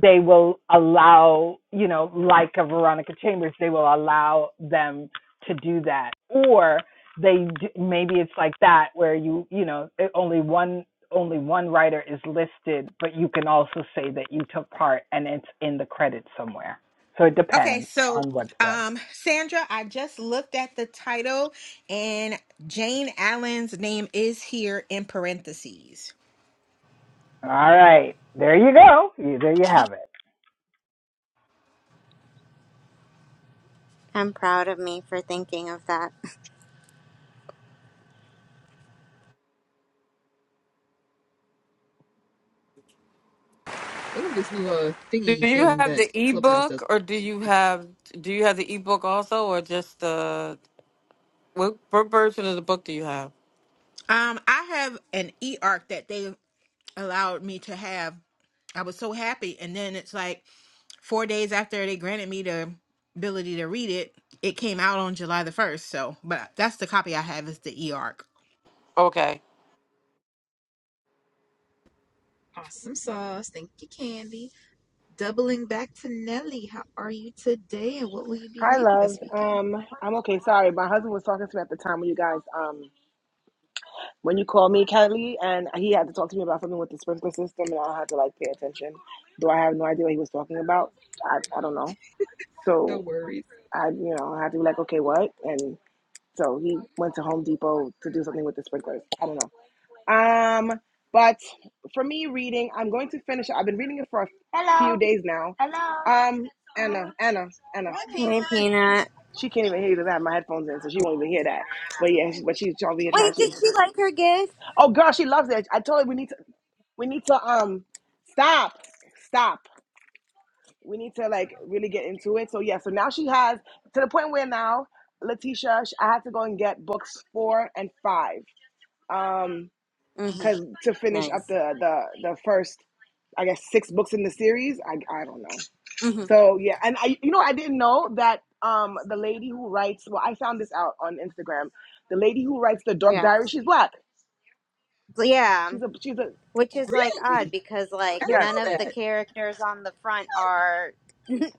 [SPEAKER 7] they will allow, you know, like a Veronica Chambers, they will allow them to do that, or they maybe it's like that where you you know only one only one writer is listed, but you can also say that you took part and it's in the credits somewhere. So it
[SPEAKER 6] Okay,
[SPEAKER 7] depends
[SPEAKER 6] so
[SPEAKER 7] on what's done.
[SPEAKER 6] um, Sandra, I just looked at the title and Jane Allen's name is here in parentheses.
[SPEAKER 7] All right, there you go. You- There you have it.
[SPEAKER 1] I'm proud of me for thinking of that.
[SPEAKER 2] What is this new uh
[SPEAKER 4] Do
[SPEAKER 2] thingy
[SPEAKER 4] you
[SPEAKER 2] thing
[SPEAKER 4] have
[SPEAKER 2] that
[SPEAKER 4] the
[SPEAKER 2] Clubhouse
[SPEAKER 4] ebook,
[SPEAKER 2] does?
[SPEAKER 4] or do you have do you have the ebook also, or just the what, what version of the book do you have?
[SPEAKER 6] Um, I have an e arc that they allowed me to have. I was so happy, and then it's like Four days after they granted me the ability to read it, it came out on July the 1st. So, but that's the copy I have is the eARC.
[SPEAKER 4] Okay.
[SPEAKER 2] Awesome sauce. Thank you, Candy. Doubling back to Nelly, how are you today? And what will you be
[SPEAKER 10] Hi,
[SPEAKER 2] reading
[SPEAKER 10] love.
[SPEAKER 2] this weekend?
[SPEAKER 10] Um, I'm okay. Sorry, my husband was talking to me at the time when you guys um when you called me, Kelly, and he had to talk to me about something with the sprinkler system, and I had to like pay attention. Though I have no idea what he was talking about. I I don't know.
[SPEAKER 2] No
[SPEAKER 10] So
[SPEAKER 2] worries.
[SPEAKER 10] I you know I had to be like okay what and so he went to Home Depot to do something with the sprinklers. I don't know. Um, but for me, reading, I'm going to finish. it. I've been reading it for a Hello. few days now. Hello. Um, Anna, Anna, Anna.
[SPEAKER 2] Hi,
[SPEAKER 1] Hey,
[SPEAKER 2] Peanut.
[SPEAKER 1] Peanut.
[SPEAKER 10] She can't even hear you because I have my headphones in, so she won't even hear that. But yeah, she, but she's over here trying
[SPEAKER 1] Wait, did
[SPEAKER 10] to.
[SPEAKER 1] she like her gift?
[SPEAKER 10] Oh, girl, she loves it. I told her we need to. We need to um stop, stop. We need to like really get into it. So yeah, so now she has to the point where now Letitia, sh- I had to go and get books four and five. Um.
[SPEAKER 1] hmm
[SPEAKER 10] because to finish up
[SPEAKER 1] Nice.
[SPEAKER 10] the the the first i guess six books in the series i i don't know
[SPEAKER 1] hmm
[SPEAKER 10] so yeah and i you know i didn't know that um the lady who writes well i found this out on instagram the lady who writes the dark
[SPEAKER 1] Yeah.
[SPEAKER 10] diary she's black
[SPEAKER 1] But Yeah.
[SPEAKER 10] she's a she's a
[SPEAKER 1] Which is like odd
[SPEAKER 2] Really?
[SPEAKER 1] because
[SPEAKER 2] I
[SPEAKER 1] like
[SPEAKER 10] yes
[SPEAKER 1] none of
[SPEAKER 2] didn't know
[SPEAKER 1] the
[SPEAKER 2] that.
[SPEAKER 1] characters on the front are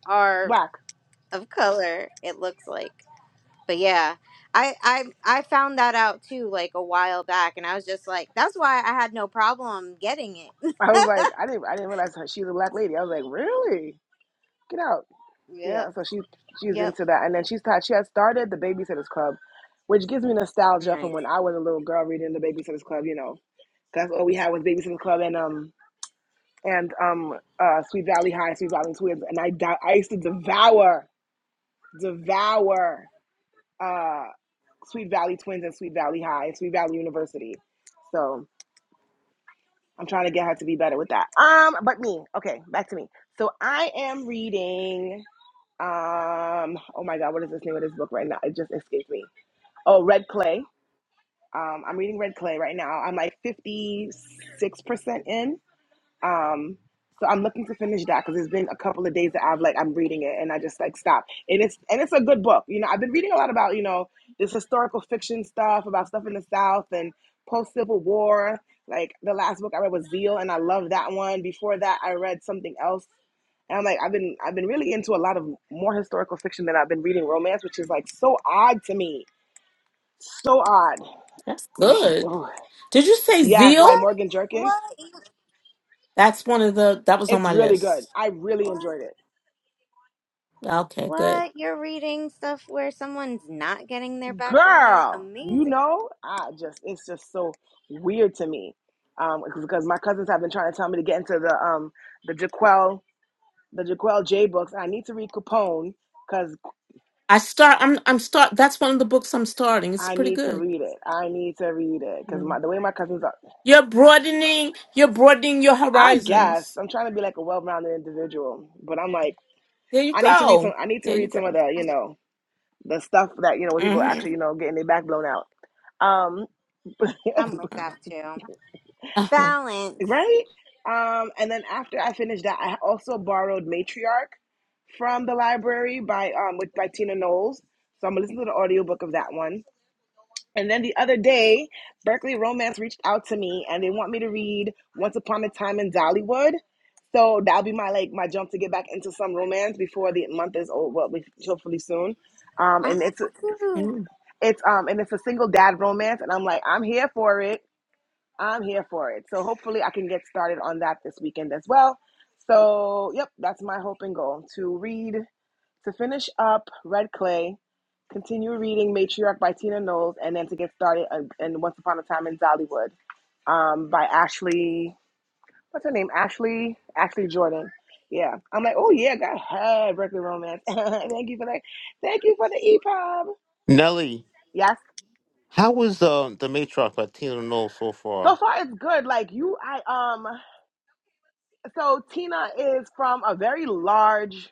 [SPEAKER 1] are
[SPEAKER 10] black
[SPEAKER 1] of color. It looks like. but yeah I, I i found that out too like a while back and i was just like that's why i had no problem getting it [LAUGHS]
[SPEAKER 10] i was like i didn't i didn't realize her she's a black lady i was like really get out yeah
[SPEAKER 1] yep
[SPEAKER 10] so she she's
[SPEAKER 1] yep
[SPEAKER 10] into that and then she's taught she has started the babysitters club which gives me nostalgia
[SPEAKER 1] nice
[SPEAKER 10] from when i was a little girl reading the babysitters club you know that's all we had was babysitters club and um and um, uh, Sweet Valley High, Sweet Valley Twins, and I dou- I used to devour, devour uh, Sweet Valley Twins and Sweet Valley High and Sweet Valley University. So I'm trying to get her to be better with that. Um, but me, okay, back to me. So I am reading. Um, oh my God, what is this name of this book right now? It just escaped me. Oh, Red Clay. Um, I'm reading Red Clay right now. I'm like 56% in. Um, so I'm looking to finish that because it's been a couple of days that I've like I'm reading it and I just like stop. And it's and it's a good book. You know, I've been reading a lot about you know this historical fiction stuff about stuff in the South and post Civil War. Like the last book I read was Zeal, and I love that one. Before that, I read something else, and I'm like I've been I've been really into a lot of more historical fiction than I've been reading romance, which is like so odd to me. So odd.
[SPEAKER 9] That's good.
[SPEAKER 10] Ugh.
[SPEAKER 9] Did you say
[SPEAKER 10] Yes,
[SPEAKER 9] Zeal?
[SPEAKER 10] by
[SPEAKER 1] what
[SPEAKER 10] Morgan Jerkins.
[SPEAKER 1] what You-
[SPEAKER 9] That's one of the that was on
[SPEAKER 10] It's
[SPEAKER 9] my
[SPEAKER 10] really good.
[SPEAKER 9] list.
[SPEAKER 10] I really
[SPEAKER 1] what
[SPEAKER 10] enjoyed it.
[SPEAKER 9] Okay, good.
[SPEAKER 1] what you're reading stuff where someone's not getting their backbone out
[SPEAKER 10] girl you
[SPEAKER 1] amazing
[SPEAKER 10] know i just it's just so weird to me um because my cousins have been trying to tell me to get into the um the jaquel the jaquel j books i need to read capone because
[SPEAKER 9] I start I'm I'm start that's one of the books I'm starting. It's
[SPEAKER 10] i
[SPEAKER 9] pretty
[SPEAKER 10] need to
[SPEAKER 9] good.
[SPEAKER 10] read it i need to read it because
[SPEAKER 9] Mm.
[SPEAKER 10] my the way my cousins are
[SPEAKER 9] You're broadening you're broadening your
[SPEAKER 10] i guess
[SPEAKER 9] horizons.
[SPEAKER 10] i'm trying to be like a well-rounded individual but i'm like
[SPEAKER 9] There you
[SPEAKER 10] i need to read
[SPEAKER 9] go.
[SPEAKER 10] some i need to
[SPEAKER 9] There you
[SPEAKER 10] read some of
[SPEAKER 9] go.
[SPEAKER 10] the you know the stuff that you know where people actually
[SPEAKER 9] Mm-hmm.
[SPEAKER 10] you know getting their back blown out um [LAUGHS]
[SPEAKER 1] i'm with that too
[SPEAKER 9] Uh-huh.
[SPEAKER 1] balance
[SPEAKER 10] right? Um, and then after I finished that, I also borrowed Matriarch from the library by um with by Tina Knowles. So I'm gonna listen to the audiobook of that one. And then the other day, Berkeley Romance reached out to me and they want me to read Once Upon a Time in Dollywood. So that'll be my like my jump to get back into some romance before the month is over. Well, hopefully soon. Um,
[SPEAKER 1] i have
[SPEAKER 10] and it's
[SPEAKER 1] that too
[SPEAKER 9] Mm.
[SPEAKER 10] it's um and it's a single dad romance, and I'm like I'm here for it. I'm here for it. So hopefully I can get started on that this weekend as well. So, yep, that's my hope and goal to read, to finish up Red Clay, continue reading Matriarch by Tina Knowles, and then to get started uh, in Once Upon a Time in Dollywood um, by Ashley, what's her name? Ashley, Ashley Jordan. Yeah, I'm like, oh yeah, go ahead, Berkeley Romance. [LAUGHS] thank you for that. Thank you for the EPUB.
[SPEAKER 8] Nelly,
[SPEAKER 10] Yes,
[SPEAKER 8] how was uh, The Matriarch by Tina Knoll so
[SPEAKER 10] so
[SPEAKER 8] far?
[SPEAKER 10] far it's good. Like you, I um, so Tina is from a very large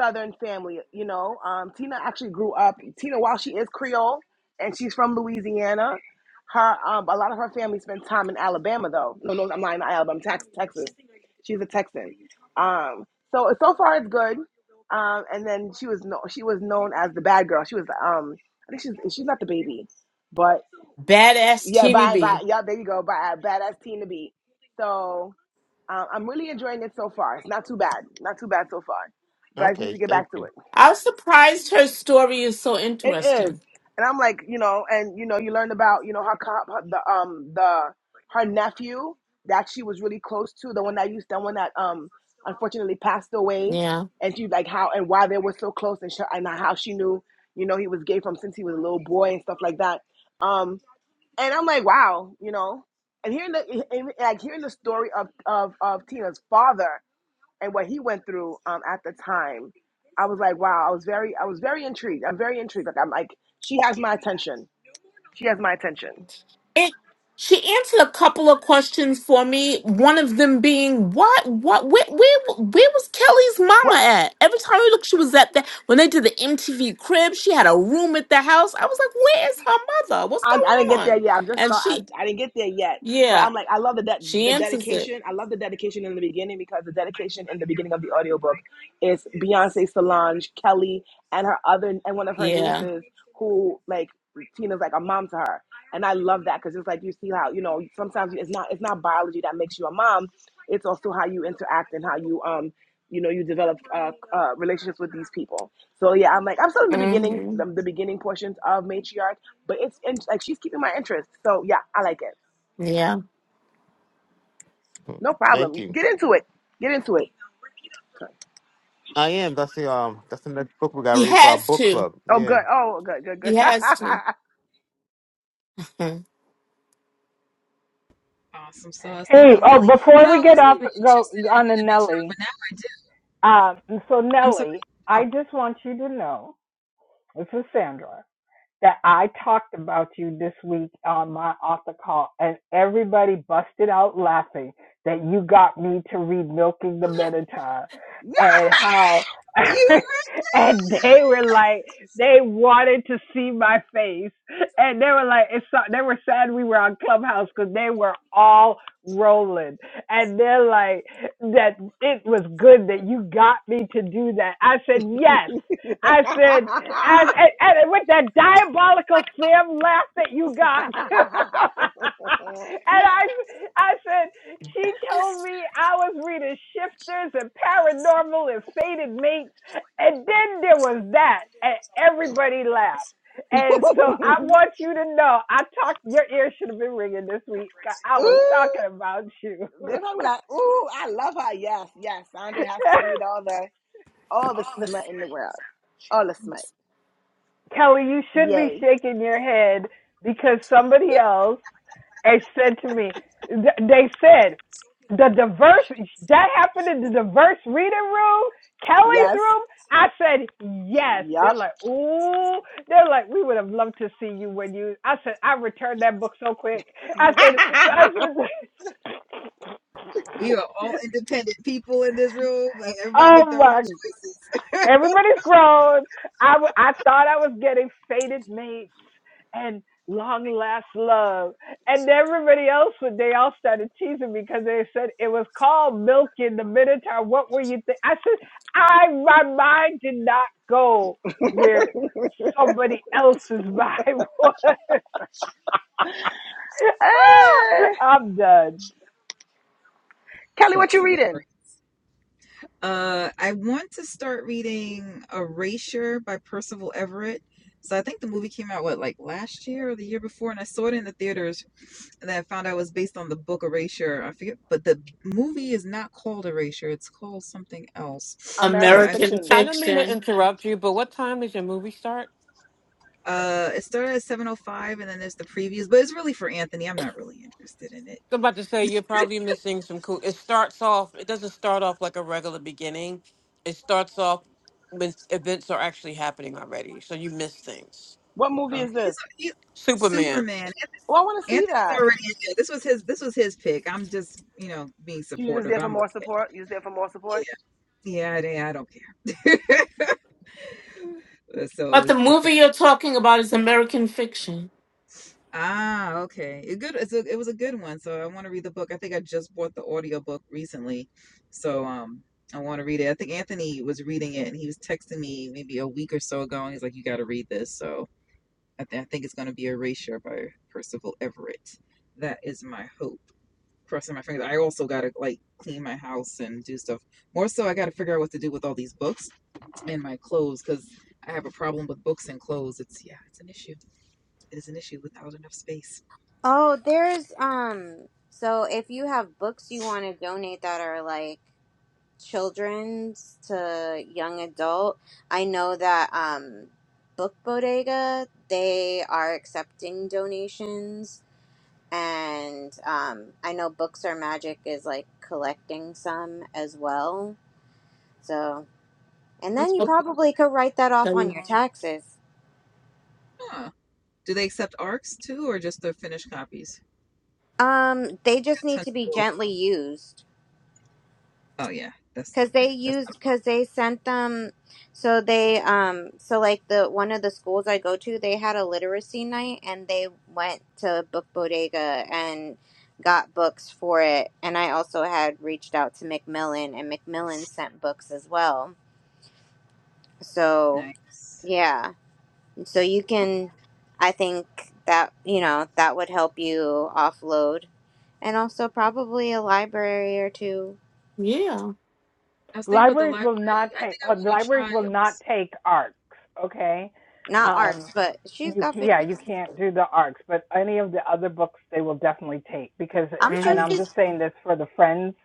[SPEAKER 10] Southern family. You know, um, Tina actually grew up. Tina, while she is Creole and she's from Louisiana, her um, a lot of her family spent time in Alabama, though. No, no, I'm lying. Not Alabama, Tex- Texas. She's a Texan. Um, so so far it's good. Um, and then she was no, she was known as the bad girl. She was um, I think she's she's not the baby, but
[SPEAKER 9] Badass
[SPEAKER 10] yeah,
[SPEAKER 9] Teeny
[SPEAKER 10] bye
[SPEAKER 9] B.
[SPEAKER 10] bye. Yeah, there you go. Bye, badass Tina B. So. Um, I'm really enjoying it so far. It's not too bad. Not too bad so far. But I just need
[SPEAKER 8] Okay,
[SPEAKER 10] to get
[SPEAKER 8] thank
[SPEAKER 10] back to
[SPEAKER 8] you.
[SPEAKER 10] it.
[SPEAKER 9] I was surprised her story is so
[SPEAKER 10] It is.
[SPEAKER 9] interesting.
[SPEAKER 10] And I'm like, you know, and you know, you learned about, you know, her, co- her the um the her nephew that she was really close to, the one that used the one that um unfortunately passed away,
[SPEAKER 9] Yeah.
[SPEAKER 10] and she like how and why they were so close and sh- and how she knew, you know, he was gay from since he was a little boy and stuff like that. Um, and I'm like, wow, you know, and hearing the and, like hearing the story of of of Tina's father and what he went through um, at the time, I was like, wow, I was very, I was very intrigued. I'm very intrigued. Like I'm like, she has my attention. She has my attention.
[SPEAKER 9] It, she answered a couple of questions for me. One of them being, what, what, where, where, where was Kelly's
[SPEAKER 10] Well,
[SPEAKER 9] mama at? Every time we looked, she was at that. When they did the MTV crib, she had a room at the house. I was like, where is her mother? What's
[SPEAKER 10] I, I didn't
[SPEAKER 9] going
[SPEAKER 10] get there
[SPEAKER 9] on?
[SPEAKER 10] yet. I'm just
[SPEAKER 9] And
[SPEAKER 10] start. I,
[SPEAKER 9] she,
[SPEAKER 10] I didn't get there yet. But
[SPEAKER 9] yeah,
[SPEAKER 10] I'm like, I love the de-
[SPEAKER 9] she
[SPEAKER 10] the
[SPEAKER 9] answers it.
[SPEAKER 10] dedication. I love the dedication in the beginning because the dedication in the beginning of the audiobook is Beyonce, Solange, Kelly, and her other and one of her
[SPEAKER 9] Yeah.
[SPEAKER 10] nieces who like Tina's like a mom to her, and I love that because it's like you see how you know sometimes it's not it's not biology that makes you a mom. It's also how you interact and how you um you know you develop uh, uh relationships with these people. So yeah, I'm like I'm still in the beginning,
[SPEAKER 9] hmm
[SPEAKER 10] the, the beginning portions of matriarch, but it's in, like she's keeping my interest. So yeah, I like it.
[SPEAKER 9] Yeah.
[SPEAKER 8] Hmm,
[SPEAKER 10] No problem.
[SPEAKER 8] Thank you.
[SPEAKER 10] Get into it. Get into it.
[SPEAKER 8] I am. That's the um. That's the next book we got to
[SPEAKER 9] He
[SPEAKER 8] read for our
[SPEAKER 9] has
[SPEAKER 8] book
[SPEAKER 9] to.
[SPEAKER 8] club.
[SPEAKER 10] Oh
[SPEAKER 8] Yeah.
[SPEAKER 10] good. Oh good. Good.
[SPEAKER 9] He
[SPEAKER 10] Good.
[SPEAKER 9] has
[SPEAKER 10] [LAUGHS]
[SPEAKER 9] to.
[SPEAKER 2] Awesome sauce. Thank
[SPEAKER 7] Hey,
[SPEAKER 2] you,
[SPEAKER 7] oh,
[SPEAKER 2] Nelly. You
[SPEAKER 7] before
[SPEAKER 2] know,
[SPEAKER 7] we
[SPEAKER 2] I
[SPEAKER 7] get
[SPEAKER 2] wasn't
[SPEAKER 7] off,
[SPEAKER 2] even
[SPEAKER 7] go
[SPEAKER 2] interested in
[SPEAKER 7] on to
[SPEAKER 2] the material,
[SPEAKER 7] Nelly.
[SPEAKER 2] but now I did.
[SPEAKER 7] Um, so
[SPEAKER 2] I'm sorry.
[SPEAKER 7] Nelly,
[SPEAKER 2] Oh,
[SPEAKER 7] I just want you to know, this is Sandra. that I talked about you this week on my author call, and everybody busted out laughing that you got me to read Milking the Minotaur and how. [LAUGHS]
[SPEAKER 2] you.
[SPEAKER 7] And they were like, they wanted to see my face, and they were like, it's so, they were sad we were on Clubhouse because they were all rolling, and they're like, that it was good that you got me to do that. I said yes. I said. I, I, I- with that diabolical Sam laugh that you got too. [LAUGHS]
[SPEAKER 10] yeah.
[SPEAKER 7] and I, I said, she
[SPEAKER 9] [LAUGHS]
[SPEAKER 7] told me I was reading Shifters and Paranormal and Fated Mates. And then there was that, and everybody laughed. And so I want you to
[SPEAKER 10] [LAUGHS] [LAUGHS]
[SPEAKER 7] know, I
[SPEAKER 10] She
[SPEAKER 7] talked,
[SPEAKER 10] was
[SPEAKER 7] your ear
[SPEAKER 10] perfect.
[SPEAKER 7] should have been ringing this week.
[SPEAKER 10] After I saved
[SPEAKER 7] I
[SPEAKER 10] her,
[SPEAKER 7] was
[SPEAKER 10] Ooh,
[SPEAKER 7] talking about you.
[SPEAKER 10] they're probably like, ooh, I love her. Yes, yes. Sandra has to
[SPEAKER 7] [LAUGHS]
[SPEAKER 10] read all the all the smut in the world. All the smut.
[SPEAKER 7] Kelly, you should be
[SPEAKER 10] Yay.
[SPEAKER 7] shaking your head because somebody else has said to me, they said, the diverse, that happened in the diverse reading room, Kelly's
[SPEAKER 10] Yes.
[SPEAKER 7] room. I said, yes. They're
[SPEAKER 10] Yup.
[SPEAKER 7] like, ooh. They're like, we would have loved to see you when you, I said, I returned that book so quick. I said, I
[SPEAKER 10] [LAUGHS]
[SPEAKER 7] said,
[SPEAKER 2] We are all independent people in this room. Like,
[SPEAKER 7] [LAUGHS]
[SPEAKER 2] everybody make
[SPEAKER 7] oh
[SPEAKER 2] their own
[SPEAKER 7] my
[SPEAKER 2] choices. [LAUGHS]
[SPEAKER 7] Everybody's grown. I, w- I thought I was getting faded mates and long last love. And everybody else, they all started teasing me because they said it was called Milking the Minotaur. What were you think? I said, I, my mind did not go where somebody else's mind was. [LAUGHS]
[SPEAKER 10] Eh,
[SPEAKER 7] Ah, I'm done.
[SPEAKER 10] Kelly, what
[SPEAKER 2] That's
[SPEAKER 10] you
[SPEAKER 2] hilarious.
[SPEAKER 10] reading?
[SPEAKER 2] Uh, I want to start reading Erasure by Percival Everett. So I think the movie came out what like last year or the year before, and I saw it in the theaters. And then I found out it was based on the book Erasure. I forget, but the movie is not called Erasure; it's called something else. So
[SPEAKER 10] American
[SPEAKER 2] I
[SPEAKER 9] American
[SPEAKER 10] fiction.
[SPEAKER 4] I don't mean to
[SPEAKER 9] fiction.
[SPEAKER 4] interrupt you, but what time does your movie start?
[SPEAKER 2] Uh, it started at 7:05, and then there's the previews, but it's really for Anthony. I'm not really interested in it.
[SPEAKER 4] I'm about to say you're
[SPEAKER 2] [LAUGHS]
[SPEAKER 4] probably missing some cool. It starts off. It doesn't start off like a regular beginning. It starts off when events are actually happening already, so you miss things.
[SPEAKER 10] What movie
[SPEAKER 2] Oh,
[SPEAKER 10] is
[SPEAKER 2] he's
[SPEAKER 10] this?
[SPEAKER 2] he,
[SPEAKER 4] Superman.
[SPEAKER 2] Superman.
[SPEAKER 10] Oh, I want to see
[SPEAKER 2] Anthony's
[SPEAKER 10] that.
[SPEAKER 2] already in there. This was his. This was his pick. I'm just, you know, being
[SPEAKER 10] You just
[SPEAKER 2] supportive.
[SPEAKER 10] there for
[SPEAKER 2] I'm
[SPEAKER 10] more
[SPEAKER 2] okay.
[SPEAKER 10] support. You just there for more support.
[SPEAKER 2] Yeah, yeah, I, did I don't care. [LAUGHS] so
[SPEAKER 9] But the
[SPEAKER 2] it's, it's a,
[SPEAKER 9] movie you're talking about is American fiction.
[SPEAKER 2] ah okay. It good. It's a, it was a good one. So I want to read the book. I think I just bought the audiobook recently. So um, I want to read it. I think Anthony was reading it, and he was texting me maybe a week or so ago, and he's like, "You got to read this." So I, thi- I think it's going to be Erasure by Percival Everett. That is my hope. Crossing my fingers. I also got to like clean my house and do stuff. More so, I got to figure out what to do with all these books and my clothes because I have a problem with books and clothes. It's yeah, it's an issue. It is an issue without enough space.
[SPEAKER 1] oh there's um so if you have books you want to donate that are like children's to young adult. I know that um, Book Bodega they are accepting donations, and um, I know Books Are Magic is like collecting some as well. So, and then
[SPEAKER 2] What's
[SPEAKER 1] you
[SPEAKER 9] Oh,
[SPEAKER 2] book book?
[SPEAKER 1] probably could write that off on
[SPEAKER 9] the-
[SPEAKER 1] your taxes.
[SPEAKER 2] Huh. Do they accept ARCs too, or just the finished copies?
[SPEAKER 1] Um, they just
[SPEAKER 2] Got
[SPEAKER 1] need
[SPEAKER 2] tons
[SPEAKER 1] to
[SPEAKER 2] of-
[SPEAKER 1] be
[SPEAKER 2] books.
[SPEAKER 1] gently used.
[SPEAKER 2] Oh yeah, that's
[SPEAKER 1] because they
[SPEAKER 2] yeah, that's
[SPEAKER 1] used because they sent them so they um so like the one of the schools i go to they had a literacy night and they went to book bodega and got books for it and i also had reached out to Macmillan, and Macmillan sent books as well so
[SPEAKER 2] nice.
[SPEAKER 1] yeah so you
[SPEAKER 2] Oh,
[SPEAKER 1] can i think that you know that would help you offload and also probably a library or two
[SPEAKER 9] Yeah.
[SPEAKER 2] I was thinking about the
[SPEAKER 7] libraries
[SPEAKER 2] library.
[SPEAKER 7] will not
[SPEAKER 2] I
[SPEAKER 7] take
[SPEAKER 2] think I
[SPEAKER 7] uh,
[SPEAKER 2] want to
[SPEAKER 7] libraries will not
[SPEAKER 2] try.
[SPEAKER 7] take arcs okay
[SPEAKER 1] not
[SPEAKER 2] Okay.
[SPEAKER 1] arcs
[SPEAKER 7] um
[SPEAKER 1] but she's
[SPEAKER 7] you
[SPEAKER 1] got
[SPEAKER 7] yeah
[SPEAKER 1] finished
[SPEAKER 7] you can't do the arcs but any of the other books they will definitely take because
[SPEAKER 1] i'm sure
[SPEAKER 7] and
[SPEAKER 9] Mhm.
[SPEAKER 7] i'm just
[SPEAKER 1] she's
[SPEAKER 7] saying this for the friends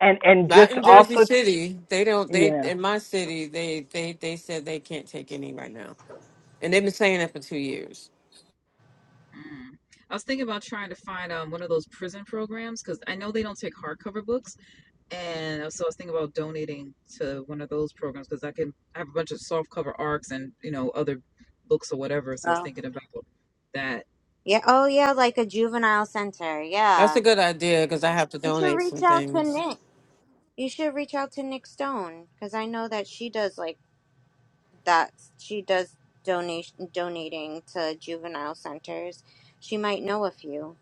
[SPEAKER 7] and and
[SPEAKER 4] Not
[SPEAKER 7] just
[SPEAKER 4] in Jersey
[SPEAKER 7] also ch-
[SPEAKER 4] City. They don't. They
[SPEAKER 7] yeah
[SPEAKER 4] in my city. They they they said they can't take any right now, and they've been saying that for two years.
[SPEAKER 2] Mm. I was thinking about trying to find um, one of those prison programs because I know they don't take hardcover books, and so I was thinking about donating to one of those programs because I can I have a bunch of softcover arcs and you know other books or whatever. So I was
[SPEAKER 1] Oh.
[SPEAKER 2] thinking about that.
[SPEAKER 1] Yeah. Oh, yeah. Like a juvenile center.
[SPEAKER 4] That's
[SPEAKER 1] Yeah.
[SPEAKER 4] a good idea because I have to
[SPEAKER 1] You should
[SPEAKER 4] donate
[SPEAKER 1] reach
[SPEAKER 4] some
[SPEAKER 1] out to
[SPEAKER 4] things.
[SPEAKER 1] Nick. You should reach out to Nick Stone because I know that she does like that. She does donation donating to juvenile centers. She might know a few.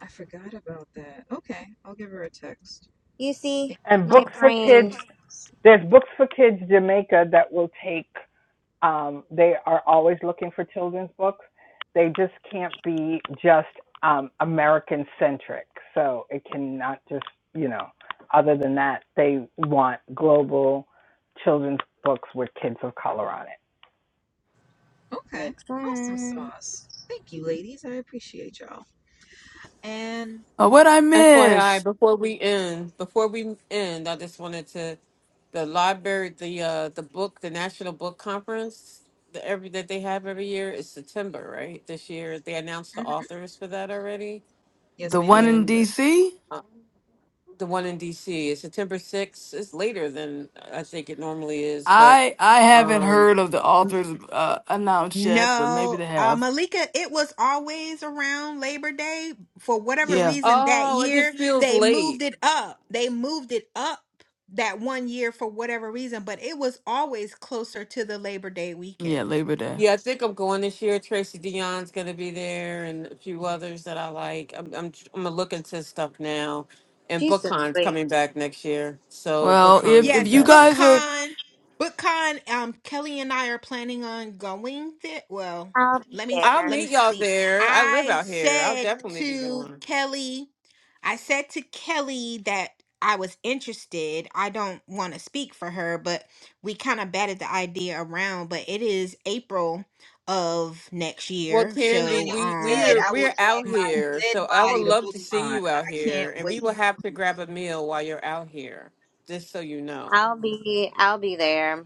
[SPEAKER 2] I forgot about that. Okay, I'll give her a text.
[SPEAKER 1] You see,
[SPEAKER 7] and
[SPEAKER 1] my
[SPEAKER 7] books for
[SPEAKER 1] brain
[SPEAKER 7] kids
[SPEAKER 2] Thanks.
[SPEAKER 7] there's books for kids jamaica that will take Um, they are always looking for children's books. They just can't be just um, American centric. So it cannot just, you know, other than that, they want global children's books with kids of color on it.
[SPEAKER 2] Okay,
[SPEAKER 1] makes
[SPEAKER 2] awesome
[SPEAKER 1] sense.
[SPEAKER 2] sauce. Thank you, ladies. I appreciate y'all. And
[SPEAKER 3] Uh, what I
[SPEAKER 4] FYI,
[SPEAKER 3] miss?
[SPEAKER 4] before we end, before we end, I just wanted to the library, the uh the book, the National Book Conference, the every that they have every year is September, right? This year they announced the
[SPEAKER 2] mm,
[SPEAKER 4] authors for that already,
[SPEAKER 2] yes,
[SPEAKER 3] The one
[SPEAKER 2] ma'am.
[SPEAKER 3] in
[SPEAKER 4] and
[SPEAKER 3] D.C.
[SPEAKER 4] uh, the one in DC is September sixth. It's later than I think it normally is, but
[SPEAKER 3] I I haven't
[SPEAKER 4] um
[SPEAKER 3] heard of the
[SPEAKER 6] N-
[SPEAKER 3] authors uh, announced yet, but maybe
[SPEAKER 6] No,
[SPEAKER 3] they
[SPEAKER 6] uh,
[SPEAKER 3] have.
[SPEAKER 6] Malika, it was always around Labor Day. For whatever
[SPEAKER 3] Yeah,
[SPEAKER 6] reason, that
[SPEAKER 4] oh, it just
[SPEAKER 6] year
[SPEAKER 4] feels
[SPEAKER 6] they
[SPEAKER 4] late.
[SPEAKER 6] moved it up. They moved it up that one year for whatever reason, but it was always closer to the Labor Day
[SPEAKER 3] yeah,
[SPEAKER 6] weekend.
[SPEAKER 3] Labor Day.
[SPEAKER 4] Yeah, I think I'm going this year. Tracy Dion's going to be there, and a few others that I like. I'm I'm I'm gonna look into stuff now, and
[SPEAKER 1] She's so
[SPEAKER 4] BookCon's
[SPEAKER 1] sweet.
[SPEAKER 4] coming back next year, so
[SPEAKER 3] Well,
[SPEAKER 4] BookCon will
[SPEAKER 3] if
[SPEAKER 4] be
[SPEAKER 3] if
[SPEAKER 6] Yes,
[SPEAKER 3] you
[SPEAKER 4] back
[SPEAKER 3] guys
[SPEAKER 4] next year.
[SPEAKER 3] are
[SPEAKER 6] BookCon. BookCon. Um, Kelly and I are planning on going there. Well,
[SPEAKER 1] I'll be
[SPEAKER 6] let me
[SPEAKER 4] I'll
[SPEAKER 1] there.
[SPEAKER 6] let me
[SPEAKER 4] meet y'all
[SPEAKER 6] speak.
[SPEAKER 4] there. I live
[SPEAKER 6] I
[SPEAKER 4] out here. I'll
[SPEAKER 6] said
[SPEAKER 4] definitely be
[SPEAKER 6] to
[SPEAKER 4] going.
[SPEAKER 6] Kelly, I said to Kelly that I was interested. I don't want to speak for her, but we kind of batted the idea around. But it is April of next
[SPEAKER 4] Well,
[SPEAKER 6] year,
[SPEAKER 2] If
[SPEAKER 4] Candy,
[SPEAKER 6] so
[SPEAKER 4] we
[SPEAKER 2] I'm
[SPEAKER 4] we
[SPEAKER 2] dead,
[SPEAKER 4] are
[SPEAKER 6] um,
[SPEAKER 2] I will
[SPEAKER 4] we're out
[SPEAKER 2] drag my
[SPEAKER 4] here,
[SPEAKER 2] dead
[SPEAKER 4] so I would
[SPEAKER 2] body to
[SPEAKER 4] love
[SPEAKER 2] book
[SPEAKER 4] to see
[SPEAKER 2] on.
[SPEAKER 4] you out
[SPEAKER 2] I can't
[SPEAKER 4] here, and we
[SPEAKER 2] wait.
[SPEAKER 4] will have to grab a meal while you're out here, just so you know.
[SPEAKER 1] I'll be. I'll be there.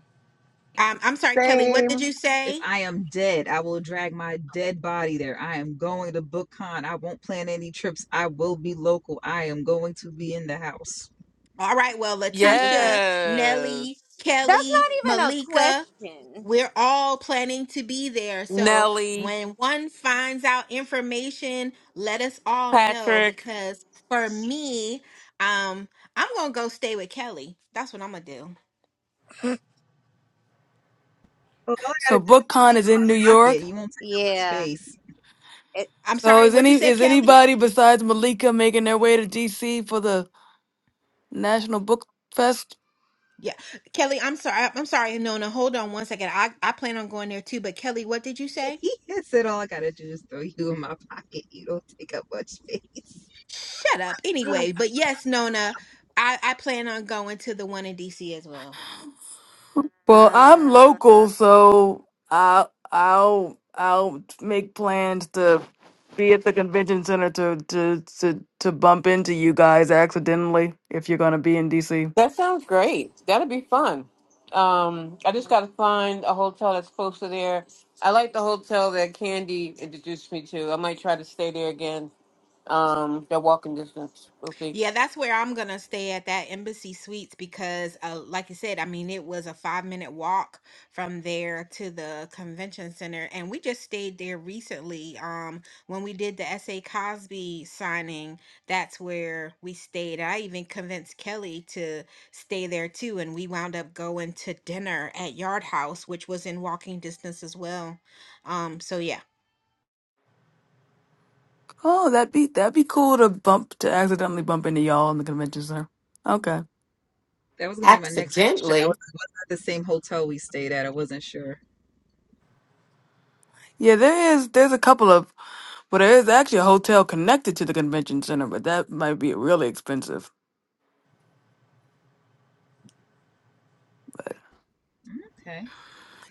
[SPEAKER 6] I'm I'm sorry, Kelly. What did
[SPEAKER 10] Same.
[SPEAKER 6] you
[SPEAKER 2] If
[SPEAKER 6] say?
[SPEAKER 2] I am dead, I will drag my dead body there. I am going to BookCon. I won't plan any trips. I will be local. I am going to be in the house.
[SPEAKER 6] All right, well,
[SPEAKER 1] I'll be
[SPEAKER 6] Letitia,
[SPEAKER 1] present.
[SPEAKER 4] Yes.
[SPEAKER 6] Nelly,
[SPEAKER 1] That's
[SPEAKER 6] Kelly,
[SPEAKER 1] not even a
[SPEAKER 6] Malika,
[SPEAKER 1] question.
[SPEAKER 6] we're all planning to be there. So
[SPEAKER 4] Nelly,
[SPEAKER 6] when one finds out information, let us all know
[SPEAKER 4] Patrick.
[SPEAKER 6] because for me, um, I'm gonna go stay with Kelly. That's what I'm gonna do.
[SPEAKER 2] Oh, all I gotta
[SPEAKER 3] so
[SPEAKER 2] do
[SPEAKER 3] BookCon is in New
[SPEAKER 2] is pocket.
[SPEAKER 3] York.
[SPEAKER 2] You won't take up much
[SPEAKER 1] Yeah.
[SPEAKER 2] space.
[SPEAKER 1] It.
[SPEAKER 6] I'm
[SPEAKER 3] So
[SPEAKER 6] sorry,
[SPEAKER 3] is
[SPEAKER 6] what
[SPEAKER 3] any
[SPEAKER 6] you said,
[SPEAKER 3] is
[SPEAKER 6] Kelly?
[SPEAKER 3] anybody besides Malika making their way to DC for the National Book Fest.
[SPEAKER 6] Yeah, Kelly, I'm sorry. I'm sorry. No, no, hold on one second. I, I plan on going there too, but Kelly, what did you say?
[SPEAKER 2] [LAUGHS] I said all I gotta do is throw you in my pocket. You don't take up much space.
[SPEAKER 6] Shut up. Anyway,
[SPEAKER 1] Jesus.
[SPEAKER 6] but yes, Nona, I, I plan on going to the one in DC as well.
[SPEAKER 3] Well, I'm
[SPEAKER 1] Uh,
[SPEAKER 3] local, so I'll I'll I'll make plans to be at the convention center to to to, to bump into you guys accidentally if you're gonna be in DC.
[SPEAKER 4] That sounds great. That'll be fun. Um, I just gotta find a hotel that's close to there. I like the hotel that Candy introduced me to. I might try to stay there again. Um, they're walking distance. We'll see.
[SPEAKER 6] Yeah, that's where I'm gonna stay at that Embassy Suites because, uh, like you said, I mean, it was a five minute walk from there to the convention center, and we just stayed there recently. Um, when we did the S.A. Cosby signing, that's where we stayed. I even convinced Kelly to stay there too, and we wound up going to dinner at Yard House, which was in walking distance as well. Um, so yeah,
[SPEAKER 3] Oh, that'd be that'd be cool to bump to accidentally bump into y'all in the convention center. Okay.
[SPEAKER 2] That was gonna be my next question. I was,
[SPEAKER 9] Accidentally.
[SPEAKER 2] was that the same hotel we stayed at? I wasn't sure.
[SPEAKER 3] Yeah, there is there's a couple of well there is actually a hotel connected to the convention center, but that might be really expensive.
[SPEAKER 2] Okay.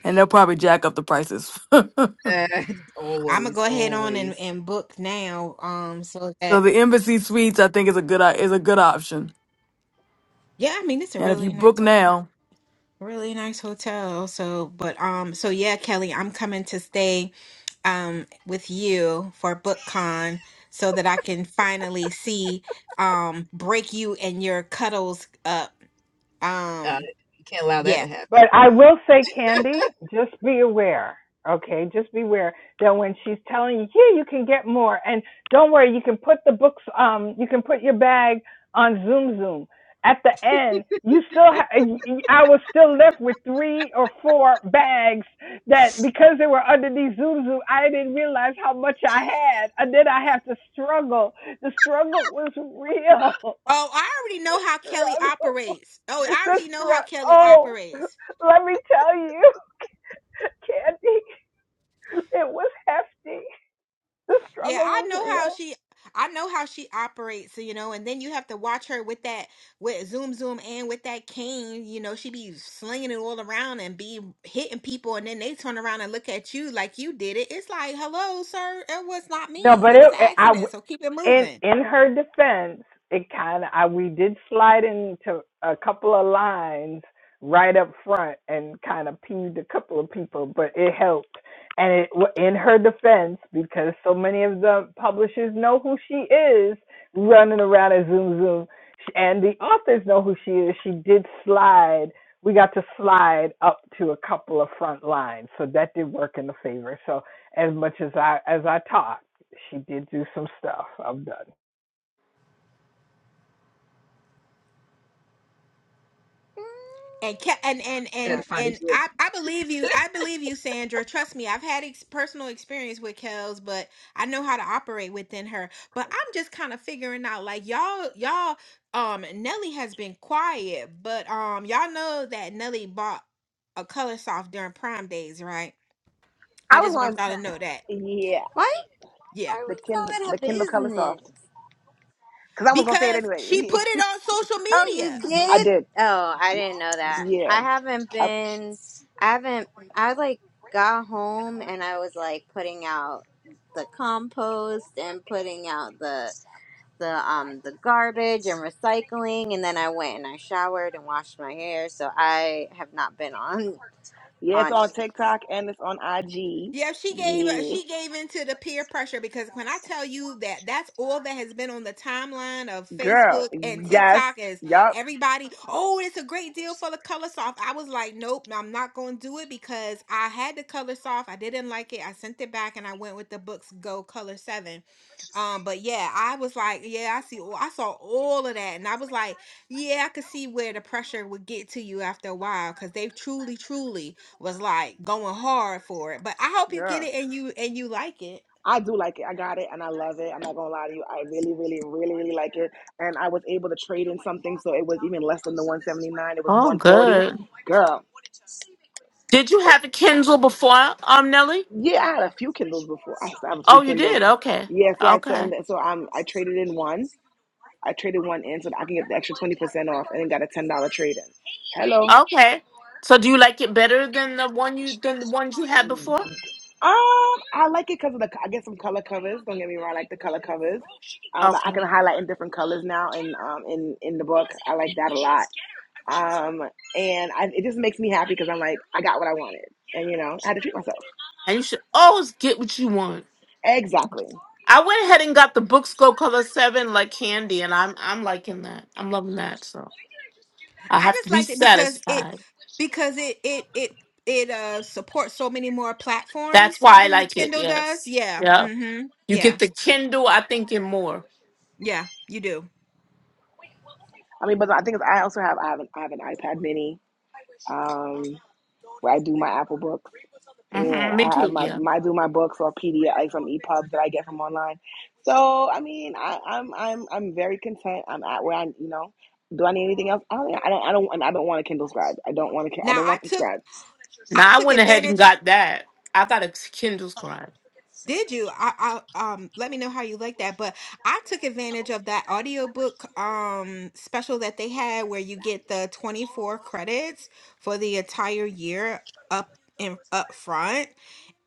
[SPEAKER 3] And they'll probably jack up the prices. [LAUGHS]
[SPEAKER 2] Uh, [LAUGHS]
[SPEAKER 6] I'm gonna
[SPEAKER 2] always,
[SPEAKER 6] go ahead on and,
[SPEAKER 2] always.
[SPEAKER 6] and book now. Um, so
[SPEAKER 3] So
[SPEAKER 6] that.
[SPEAKER 3] the Embassy Suites, I think, is a good o- is a good option.
[SPEAKER 6] Yeah, I mean it's a
[SPEAKER 3] And if you
[SPEAKER 6] really nice
[SPEAKER 3] book
[SPEAKER 6] hotel.
[SPEAKER 3] now,
[SPEAKER 6] Really nice hotel. So, but um, so yeah, Kelly, I'm coming to stay um with you for BookCon so that I can finally see um break you and your cuddles up.
[SPEAKER 2] Uh,
[SPEAKER 6] Um,
[SPEAKER 2] you can't allow that
[SPEAKER 6] yeah.
[SPEAKER 2] to happen.
[SPEAKER 7] But I will say, Candy, just be aware, okay? Just be aware that when she's telling you, yeah, you can get more, and don't worry, you can put the books, um, you can put your bag on Zoom Zoom. At the end, you still, ha- i was still left with three or four bags that because they were underneath Zoom Zoom, I didn't realize how much I had, and then I had to struggle. The struggle was real. [LAUGHS]
[SPEAKER 6] Oh, I already
[SPEAKER 7] the
[SPEAKER 6] know how Kelly
[SPEAKER 7] struggle. [LAUGHS]
[SPEAKER 6] operates. Oh, I
[SPEAKER 7] The
[SPEAKER 6] already know how
[SPEAKER 7] struggle.
[SPEAKER 6] Kelly
[SPEAKER 7] Oh.
[SPEAKER 6] operates.
[SPEAKER 7] Let me tell you, [LAUGHS] Candy, it was hefty. The
[SPEAKER 6] Yeah,
[SPEAKER 7] struggle
[SPEAKER 6] I
[SPEAKER 7] was
[SPEAKER 6] know how
[SPEAKER 7] real.
[SPEAKER 6] she I know how she operates, you know, and then you have to watch her with that with zoom zoom and with that cane, you know, she be slinging it all around and be hitting people and then they turn around and look at you like you did it. It's like, "Hello, sir, it was not
[SPEAKER 7] No,
[SPEAKER 6] me.
[SPEAKER 7] but
[SPEAKER 6] It was
[SPEAKER 7] it,
[SPEAKER 6] an
[SPEAKER 7] I,
[SPEAKER 6] accident, so keep it
[SPEAKER 7] in
[SPEAKER 6] moving."
[SPEAKER 7] in her defense, it kind of we did slide into a couple of lines right up front and kind of peeved a couple of people, but it helped. And it wa- in her defense, because so many of the publishers know who she is, running around at Zoom Zoom, sh- and the authors know who she is. She did slide. We got to slide up to a couple of front lines, so that did work in the favor. So as much as I as I talk she did do some stuff. I'm done.
[SPEAKER 6] And, ca- and and
[SPEAKER 2] I Had to
[SPEAKER 1] darn.
[SPEAKER 6] and
[SPEAKER 2] find a
[SPEAKER 6] and
[SPEAKER 2] gift.
[SPEAKER 6] I, I believe you. I believe you, Sandra. Trust me, I've had ex- personal experience with Kels, but I know how to operate within her. But I'm just kind of figuring out, like y'all, y'all. Um, Nelly has been quiet, but um, y'all know that Nelly bought a color soft during Prime Days, right? I
[SPEAKER 10] I
[SPEAKER 6] just
[SPEAKER 10] was
[SPEAKER 6] want
[SPEAKER 10] on.
[SPEAKER 6] y'all to know that.
[SPEAKER 10] Yeah,
[SPEAKER 1] Why?
[SPEAKER 6] Yeah,
[SPEAKER 1] Why
[SPEAKER 10] the
[SPEAKER 1] was all
[SPEAKER 10] Kindle,
[SPEAKER 1] in her
[SPEAKER 10] the Kindle Color
[SPEAKER 1] business?
[SPEAKER 10] Soft, because I was gonna say it
[SPEAKER 6] because she
[SPEAKER 10] anyway.
[SPEAKER 6] put it on social
[SPEAKER 1] Oh, you
[SPEAKER 6] media.
[SPEAKER 10] [LAUGHS] I
[SPEAKER 1] did?
[SPEAKER 10] did.
[SPEAKER 1] Oh, I didn't know that.
[SPEAKER 10] Yeah.
[SPEAKER 1] I haven't
[SPEAKER 10] I-
[SPEAKER 1] been. I haven't. I like got home and I was like putting out the compost and putting out the the um the garbage and recycling and then I went and I showered and washed my hair so I have not been on
[SPEAKER 10] yeah, it's
[SPEAKER 1] on
[SPEAKER 10] on
[SPEAKER 1] any
[SPEAKER 10] TikTok and it's on IG.
[SPEAKER 6] Yeah, she gave uh,
[SPEAKER 10] Yeah,
[SPEAKER 6] she gave into the peer pressure because when I tell you that that's all that has been on the timeline of
[SPEAKER 10] girl.
[SPEAKER 6] Facebook and
[SPEAKER 10] Yes.
[SPEAKER 6] TikTok is
[SPEAKER 10] Yup.
[SPEAKER 6] everybody, oh, it's a great deal for the color soft. I was like, nope, no, I'm not going to do it because I had the color soft. I didn't like it. I sent it back and I went with the books Go Color 7. Um, but yeah, I was like, yeah, I see oh, I saw all of that and I was like, yeah, I could see where the pressure would get to you after a while cuz they've truly truly was like going hard for it. But I hope you get
[SPEAKER 10] Girl.
[SPEAKER 6] it and you and you like it.
[SPEAKER 10] I do like it. I got it and I love it. I'm not gonna lie to you. I really, really, really, really like it. And I was able to trade in something, so it was even less than the 179. It was
[SPEAKER 9] Oh,
[SPEAKER 10] 140.
[SPEAKER 9] good.
[SPEAKER 10] Girl,
[SPEAKER 9] Did you
[SPEAKER 10] it-
[SPEAKER 9] have a Kindle before, um, Nelly?
[SPEAKER 10] yeah, I had a few Kindles before. I used to have a few
[SPEAKER 9] Oh, you
[SPEAKER 10] Kindles.
[SPEAKER 9] did. Okay.
[SPEAKER 10] Yeah, so I so, and
[SPEAKER 9] Okay.
[SPEAKER 10] then- so I'm I traded in one. I traded one in so that I can get the extra 20% off and then got a $10 trade in. Hello.
[SPEAKER 9] Okay. So, do you like it better than the one you than the ones you had before?
[SPEAKER 10] Um, I like it because of the. I get some color covers. Don't get me wrong. I like the color covers. Um, I can
[SPEAKER 9] Okay.
[SPEAKER 10] highlight in different colors now, and um, in in the book, I like that a lot. Um, and I, it just makes me happy because I'm like, I got what I wanted, and you know, I had to treat myself.
[SPEAKER 9] And you should always get what you want.
[SPEAKER 10] Exactly.
[SPEAKER 9] I went ahead and got the books go color seven like candy, and I'm I'm liking that. I'm loving that. So I
[SPEAKER 6] I
[SPEAKER 9] have to
[SPEAKER 6] just
[SPEAKER 9] be
[SPEAKER 6] liked it because it
[SPEAKER 9] satisfied.
[SPEAKER 6] because it it it it uh supports so many more
[SPEAKER 9] That's
[SPEAKER 6] platforms
[SPEAKER 9] why I
[SPEAKER 6] than the
[SPEAKER 9] like it.
[SPEAKER 6] Kindle does.
[SPEAKER 9] Yes.
[SPEAKER 6] Yeah.
[SPEAKER 9] Yeah.
[SPEAKER 6] Mm-hmm.
[SPEAKER 9] You get
[SPEAKER 6] Yeah.
[SPEAKER 9] the Kindle, I think, and more.
[SPEAKER 6] Yeah, you do.
[SPEAKER 10] I mean, but I think it's, I also have I have an I have an iPad Mini, um, where I do my Apple Books, and
[SPEAKER 9] hmm Me
[SPEAKER 10] I have
[SPEAKER 9] too.
[SPEAKER 10] my,
[SPEAKER 9] Yeah.
[SPEAKER 10] my I do my books or PDF like from EPUB that I get from online. So I mean, I, I'm I'm I'm very content. I'm at where I you know. Do I need anything else? I don't. I don't. I don't. And I don't want a Kindle Scribe. I don't want to. I
[SPEAKER 6] Now
[SPEAKER 10] don't
[SPEAKER 6] I
[SPEAKER 10] want the
[SPEAKER 6] took
[SPEAKER 10] Scribe
[SPEAKER 6] I
[SPEAKER 9] Now I
[SPEAKER 6] took
[SPEAKER 9] went ahead and
[SPEAKER 6] advantage
[SPEAKER 9] got that. I got a Kindle's crime.
[SPEAKER 6] did you? I, I um let me know how you like that. But I took advantage of that audiobook um special that they had where you get the 24 credits for the entire year up in up front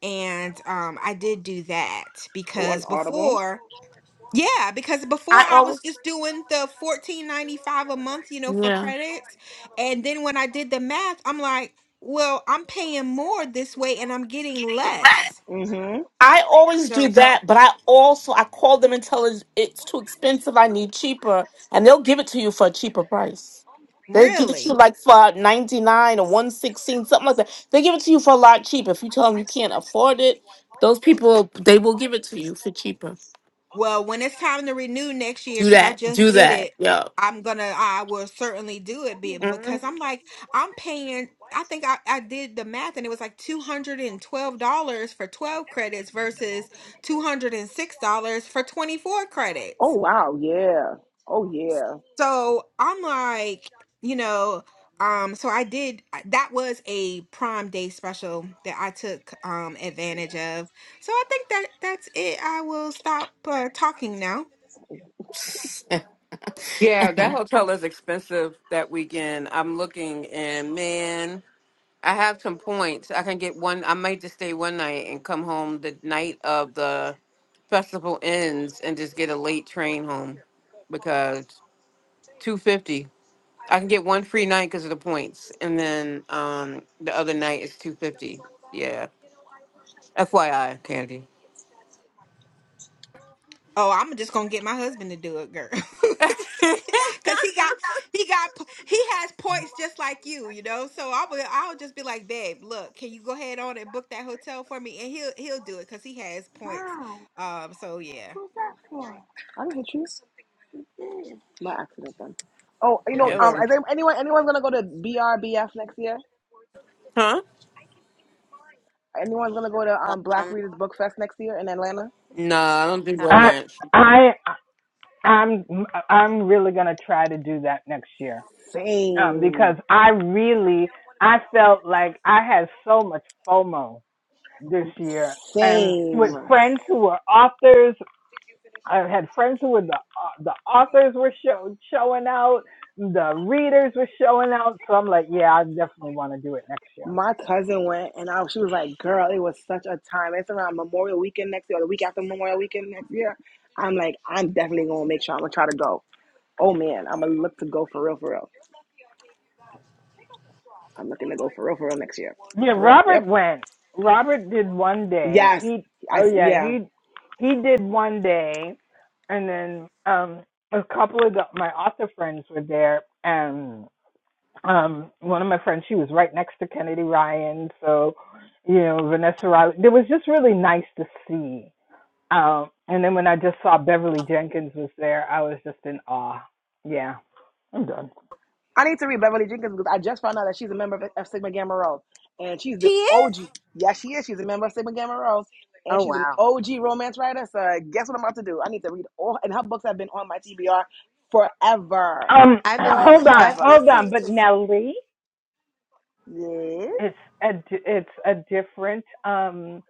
[SPEAKER 6] and um I did do that
[SPEAKER 10] or an
[SPEAKER 6] because
[SPEAKER 10] Audible.
[SPEAKER 6] before yeah, because before
[SPEAKER 9] I
[SPEAKER 6] I
[SPEAKER 9] always,
[SPEAKER 6] was just doing the 14.95 a month, you know, for
[SPEAKER 9] yeah.
[SPEAKER 6] credits. And then when I did the math, I'm like, well, I'm paying more this way and I'm getting less.
[SPEAKER 10] Mhm.
[SPEAKER 9] I always do
[SPEAKER 6] So,
[SPEAKER 9] that, but I also I call them and tell them it's too expensive. I need cheaper, and they'll give it to you for a cheaper price. They give it to
[SPEAKER 6] really?
[SPEAKER 9] you like for ninety nine or one sixteen, something like that. They give it to you for a lot cheaper. If you tell them you can't afford it, those people they will give it to you for cheaper.
[SPEAKER 6] Well, when it's time to renew next year,
[SPEAKER 9] Do
[SPEAKER 6] because I
[SPEAKER 9] that.
[SPEAKER 6] just
[SPEAKER 9] Do
[SPEAKER 6] did
[SPEAKER 9] that.
[SPEAKER 6] it,
[SPEAKER 9] Yeah.
[SPEAKER 6] I'm gonna, I will certainly do it be-
[SPEAKER 9] Mhm.
[SPEAKER 6] because I'm like, I'm paying, I think I, I did the math and it was like $212 for 12 credits versus $206 for 24
[SPEAKER 10] Oh
[SPEAKER 6] credits.
[SPEAKER 10] wow, yeah. Oh yeah.
[SPEAKER 6] So I'm like, you know, um, so I did, that was a Prime Day special that I took um advantage of. So I think that that's it. I will stop uh, talking now.
[SPEAKER 4] Yeah, that hotel is expensive that weekend. I'm looking and man, I have some points. I can get one I might just stay one night and come home the night of the festival ends and just get a late train home because two fifty. I can get one free night because of the points, and then um the other night is two fifty. Yeah, FYI, Candy.
[SPEAKER 6] Oh, I'm just gonna get my husband to do it, girl. [LAUGHS] Cause he
[SPEAKER 4] [LAUGHS]
[SPEAKER 6] got he got he has points just like you, you know. So I will I'll just be like, babe, look, can you go ahead on and book that hotel for me? And he'll he'll do it because he has points. Um, so yeah.
[SPEAKER 10] I didn't hit you. My accident then. Oh, you know,
[SPEAKER 2] Y'all
[SPEAKER 4] yeah,
[SPEAKER 2] are
[SPEAKER 10] um,
[SPEAKER 2] too
[SPEAKER 4] Lord.
[SPEAKER 10] is there anyone anyone's gonna go to BRBF next year?
[SPEAKER 4] Huh?
[SPEAKER 10] Anyone's gonna go to um Black
[SPEAKER 1] platform.
[SPEAKER 10] Readers Book Fest next year in Atlanta?
[SPEAKER 4] Nah, I don't do
[SPEAKER 1] Oh,
[SPEAKER 7] I
[SPEAKER 4] romance.
[SPEAKER 7] I I'm I'm really gonna try to do that next year um, because
[SPEAKER 10] Same,
[SPEAKER 7] I really I felt like I had so much FOMO this year, and with
[SPEAKER 10] same.
[SPEAKER 7] friends who were authors. I had friends who were the uh, the authors were show, showing out, the readers were showing out. So I'm like, yeah, I definitely want to do it next year.
[SPEAKER 10] My cousin went, and I, she was like, "Girl, it was such a time. It's around Memorial Weekend next year, or the week after Memorial Weekend next year." I'm like, "I'm definitely gonna make sure I'm gonna try to go." Oh man, I'm gonna look to go for real, for real. I'm looking to go for real, for real next year.
[SPEAKER 7] Yeah,
[SPEAKER 10] For real,
[SPEAKER 7] Robert
[SPEAKER 10] yep,
[SPEAKER 7] went. Robert did one day.
[SPEAKER 10] yes,
[SPEAKER 7] He oh
[SPEAKER 10] I
[SPEAKER 7] yeah,
[SPEAKER 10] yeah.
[SPEAKER 7] he he did one day and then um a couple of the, my author friends were there and um one of my friends she was right next to Kennedy Ryan, so you know, Vanessa Riley. It was just really nice to see. Um and then when I just saw Beverly Jenkins was there, I was just in awe. Yeah. I'm done.
[SPEAKER 10] I need to read Beverly Jenkins because I just found out that she's a member of, of Sigma Gamma Rho, and she's
[SPEAKER 1] she
[SPEAKER 10] the
[SPEAKER 1] is.
[SPEAKER 10] OG. Yeah, she is. She's a member of Sigma Gamma Rho,
[SPEAKER 1] Oh
[SPEAKER 10] and she's an
[SPEAKER 1] wow.
[SPEAKER 10] OG romance writer. So guess what I'm about to do? I need to read all, and her books have been on my TBR forever,
[SPEAKER 7] Um
[SPEAKER 1] I've been li-
[SPEAKER 7] hold on,
[SPEAKER 1] I've
[SPEAKER 10] forever.
[SPEAKER 7] hold on,
[SPEAKER 1] listened
[SPEAKER 7] but
[SPEAKER 1] to
[SPEAKER 7] Nellie
[SPEAKER 10] Yes.
[SPEAKER 7] it's a it's a different um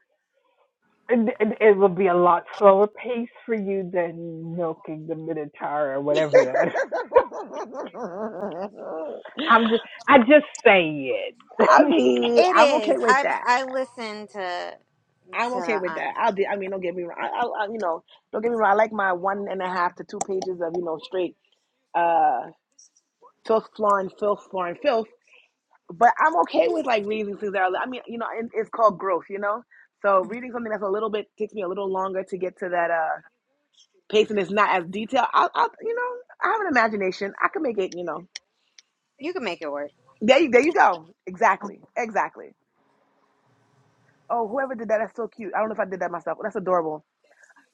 [SPEAKER 7] it, it it will be a lot slower pace for you than milking the minotaur or
[SPEAKER 10] [LAUGHS]
[SPEAKER 7] whatever that [LAUGHS] i'm just i just say it [LAUGHS]
[SPEAKER 10] I mean,
[SPEAKER 1] It
[SPEAKER 10] I'm okay
[SPEAKER 1] is.
[SPEAKER 10] with
[SPEAKER 1] I've
[SPEAKER 10] that.
[SPEAKER 1] I listened to
[SPEAKER 10] I'm
[SPEAKER 1] to
[SPEAKER 10] okay with
[SPEAKER 1] um.
[SPEAKER 10] that. I'll be. I mean, don't get me wrong. I, I, I, you know, don't get me wrong. I like my one and a half to two pages of you know straight. uh filth, flooring, filth, flooring, filth. But I'm okay with like reading things that are. I mean, you know, and it's called growth, you know. So reading something that's a little bit takes me a little longer to get to that uh pace, and it's not as detailed. I'll, I'll you know, I have an imagination. I can make it. You know,
[SPEAKER 1] You can make it work.
[SPEAKER 10] there you, there you go. Exactly, exactly. Oh, whoever did that, that's so cute. I don't know if I did that myself. That's adorable.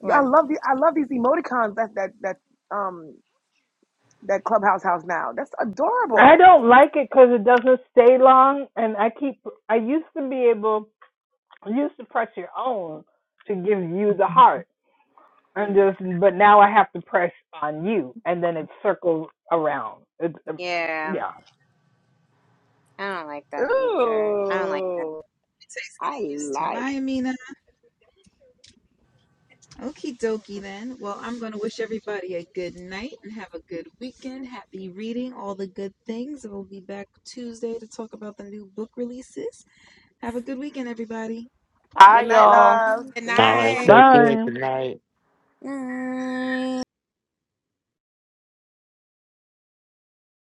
[SPEAKER 10] Yo, I love the I love these emoticons. That that that um that clubhouse house now. That's
[SPEAKER 7] i
[SPEAKER 10] adorable.
[SPEAKER 7] don't like it because it doesn't stay long and i keep i used to be able i used to press your own to give you the heart and
[SPEAKER 1] Mm.
[SPEAKER 7] just but now i have to press on you and then it circles around it's um,
[SPEAKER 1] Yeah,
[SPEAKER 7] yeah
[SPEAKER 1] I don't like that feature. I don't like.
[SPEAKER 10] Ooh, I
[SPEAKER 2] used to.
[SPEAKER 10] like.
[SPEAKER 2] Bye, Amina. Okie dokie then. Well, I'm gonna wish everybody a good night and have a good weekend. Happy reading, all the good things. We'll be back Tuesday to talk about the new book releases. Have a good weekend, everybody.
[SPEAKER 9] Hi,
[SPEAKER 10] Good night,
[SPEAKER 9] y'all.
[SPEAKER 10] loves.
[SPEAKER 6] Good
[SPEAKER 10] Good
[SPEAKER 8] All
[SPEAKER 6] night.
[SPEAKER 8] right.
[SPEAKER 10] night.
[SPEAKER 8] Take care.
[SPEAKER 7] bye
[SPEAKER 8] Good night.
[SPEAKER 1] That.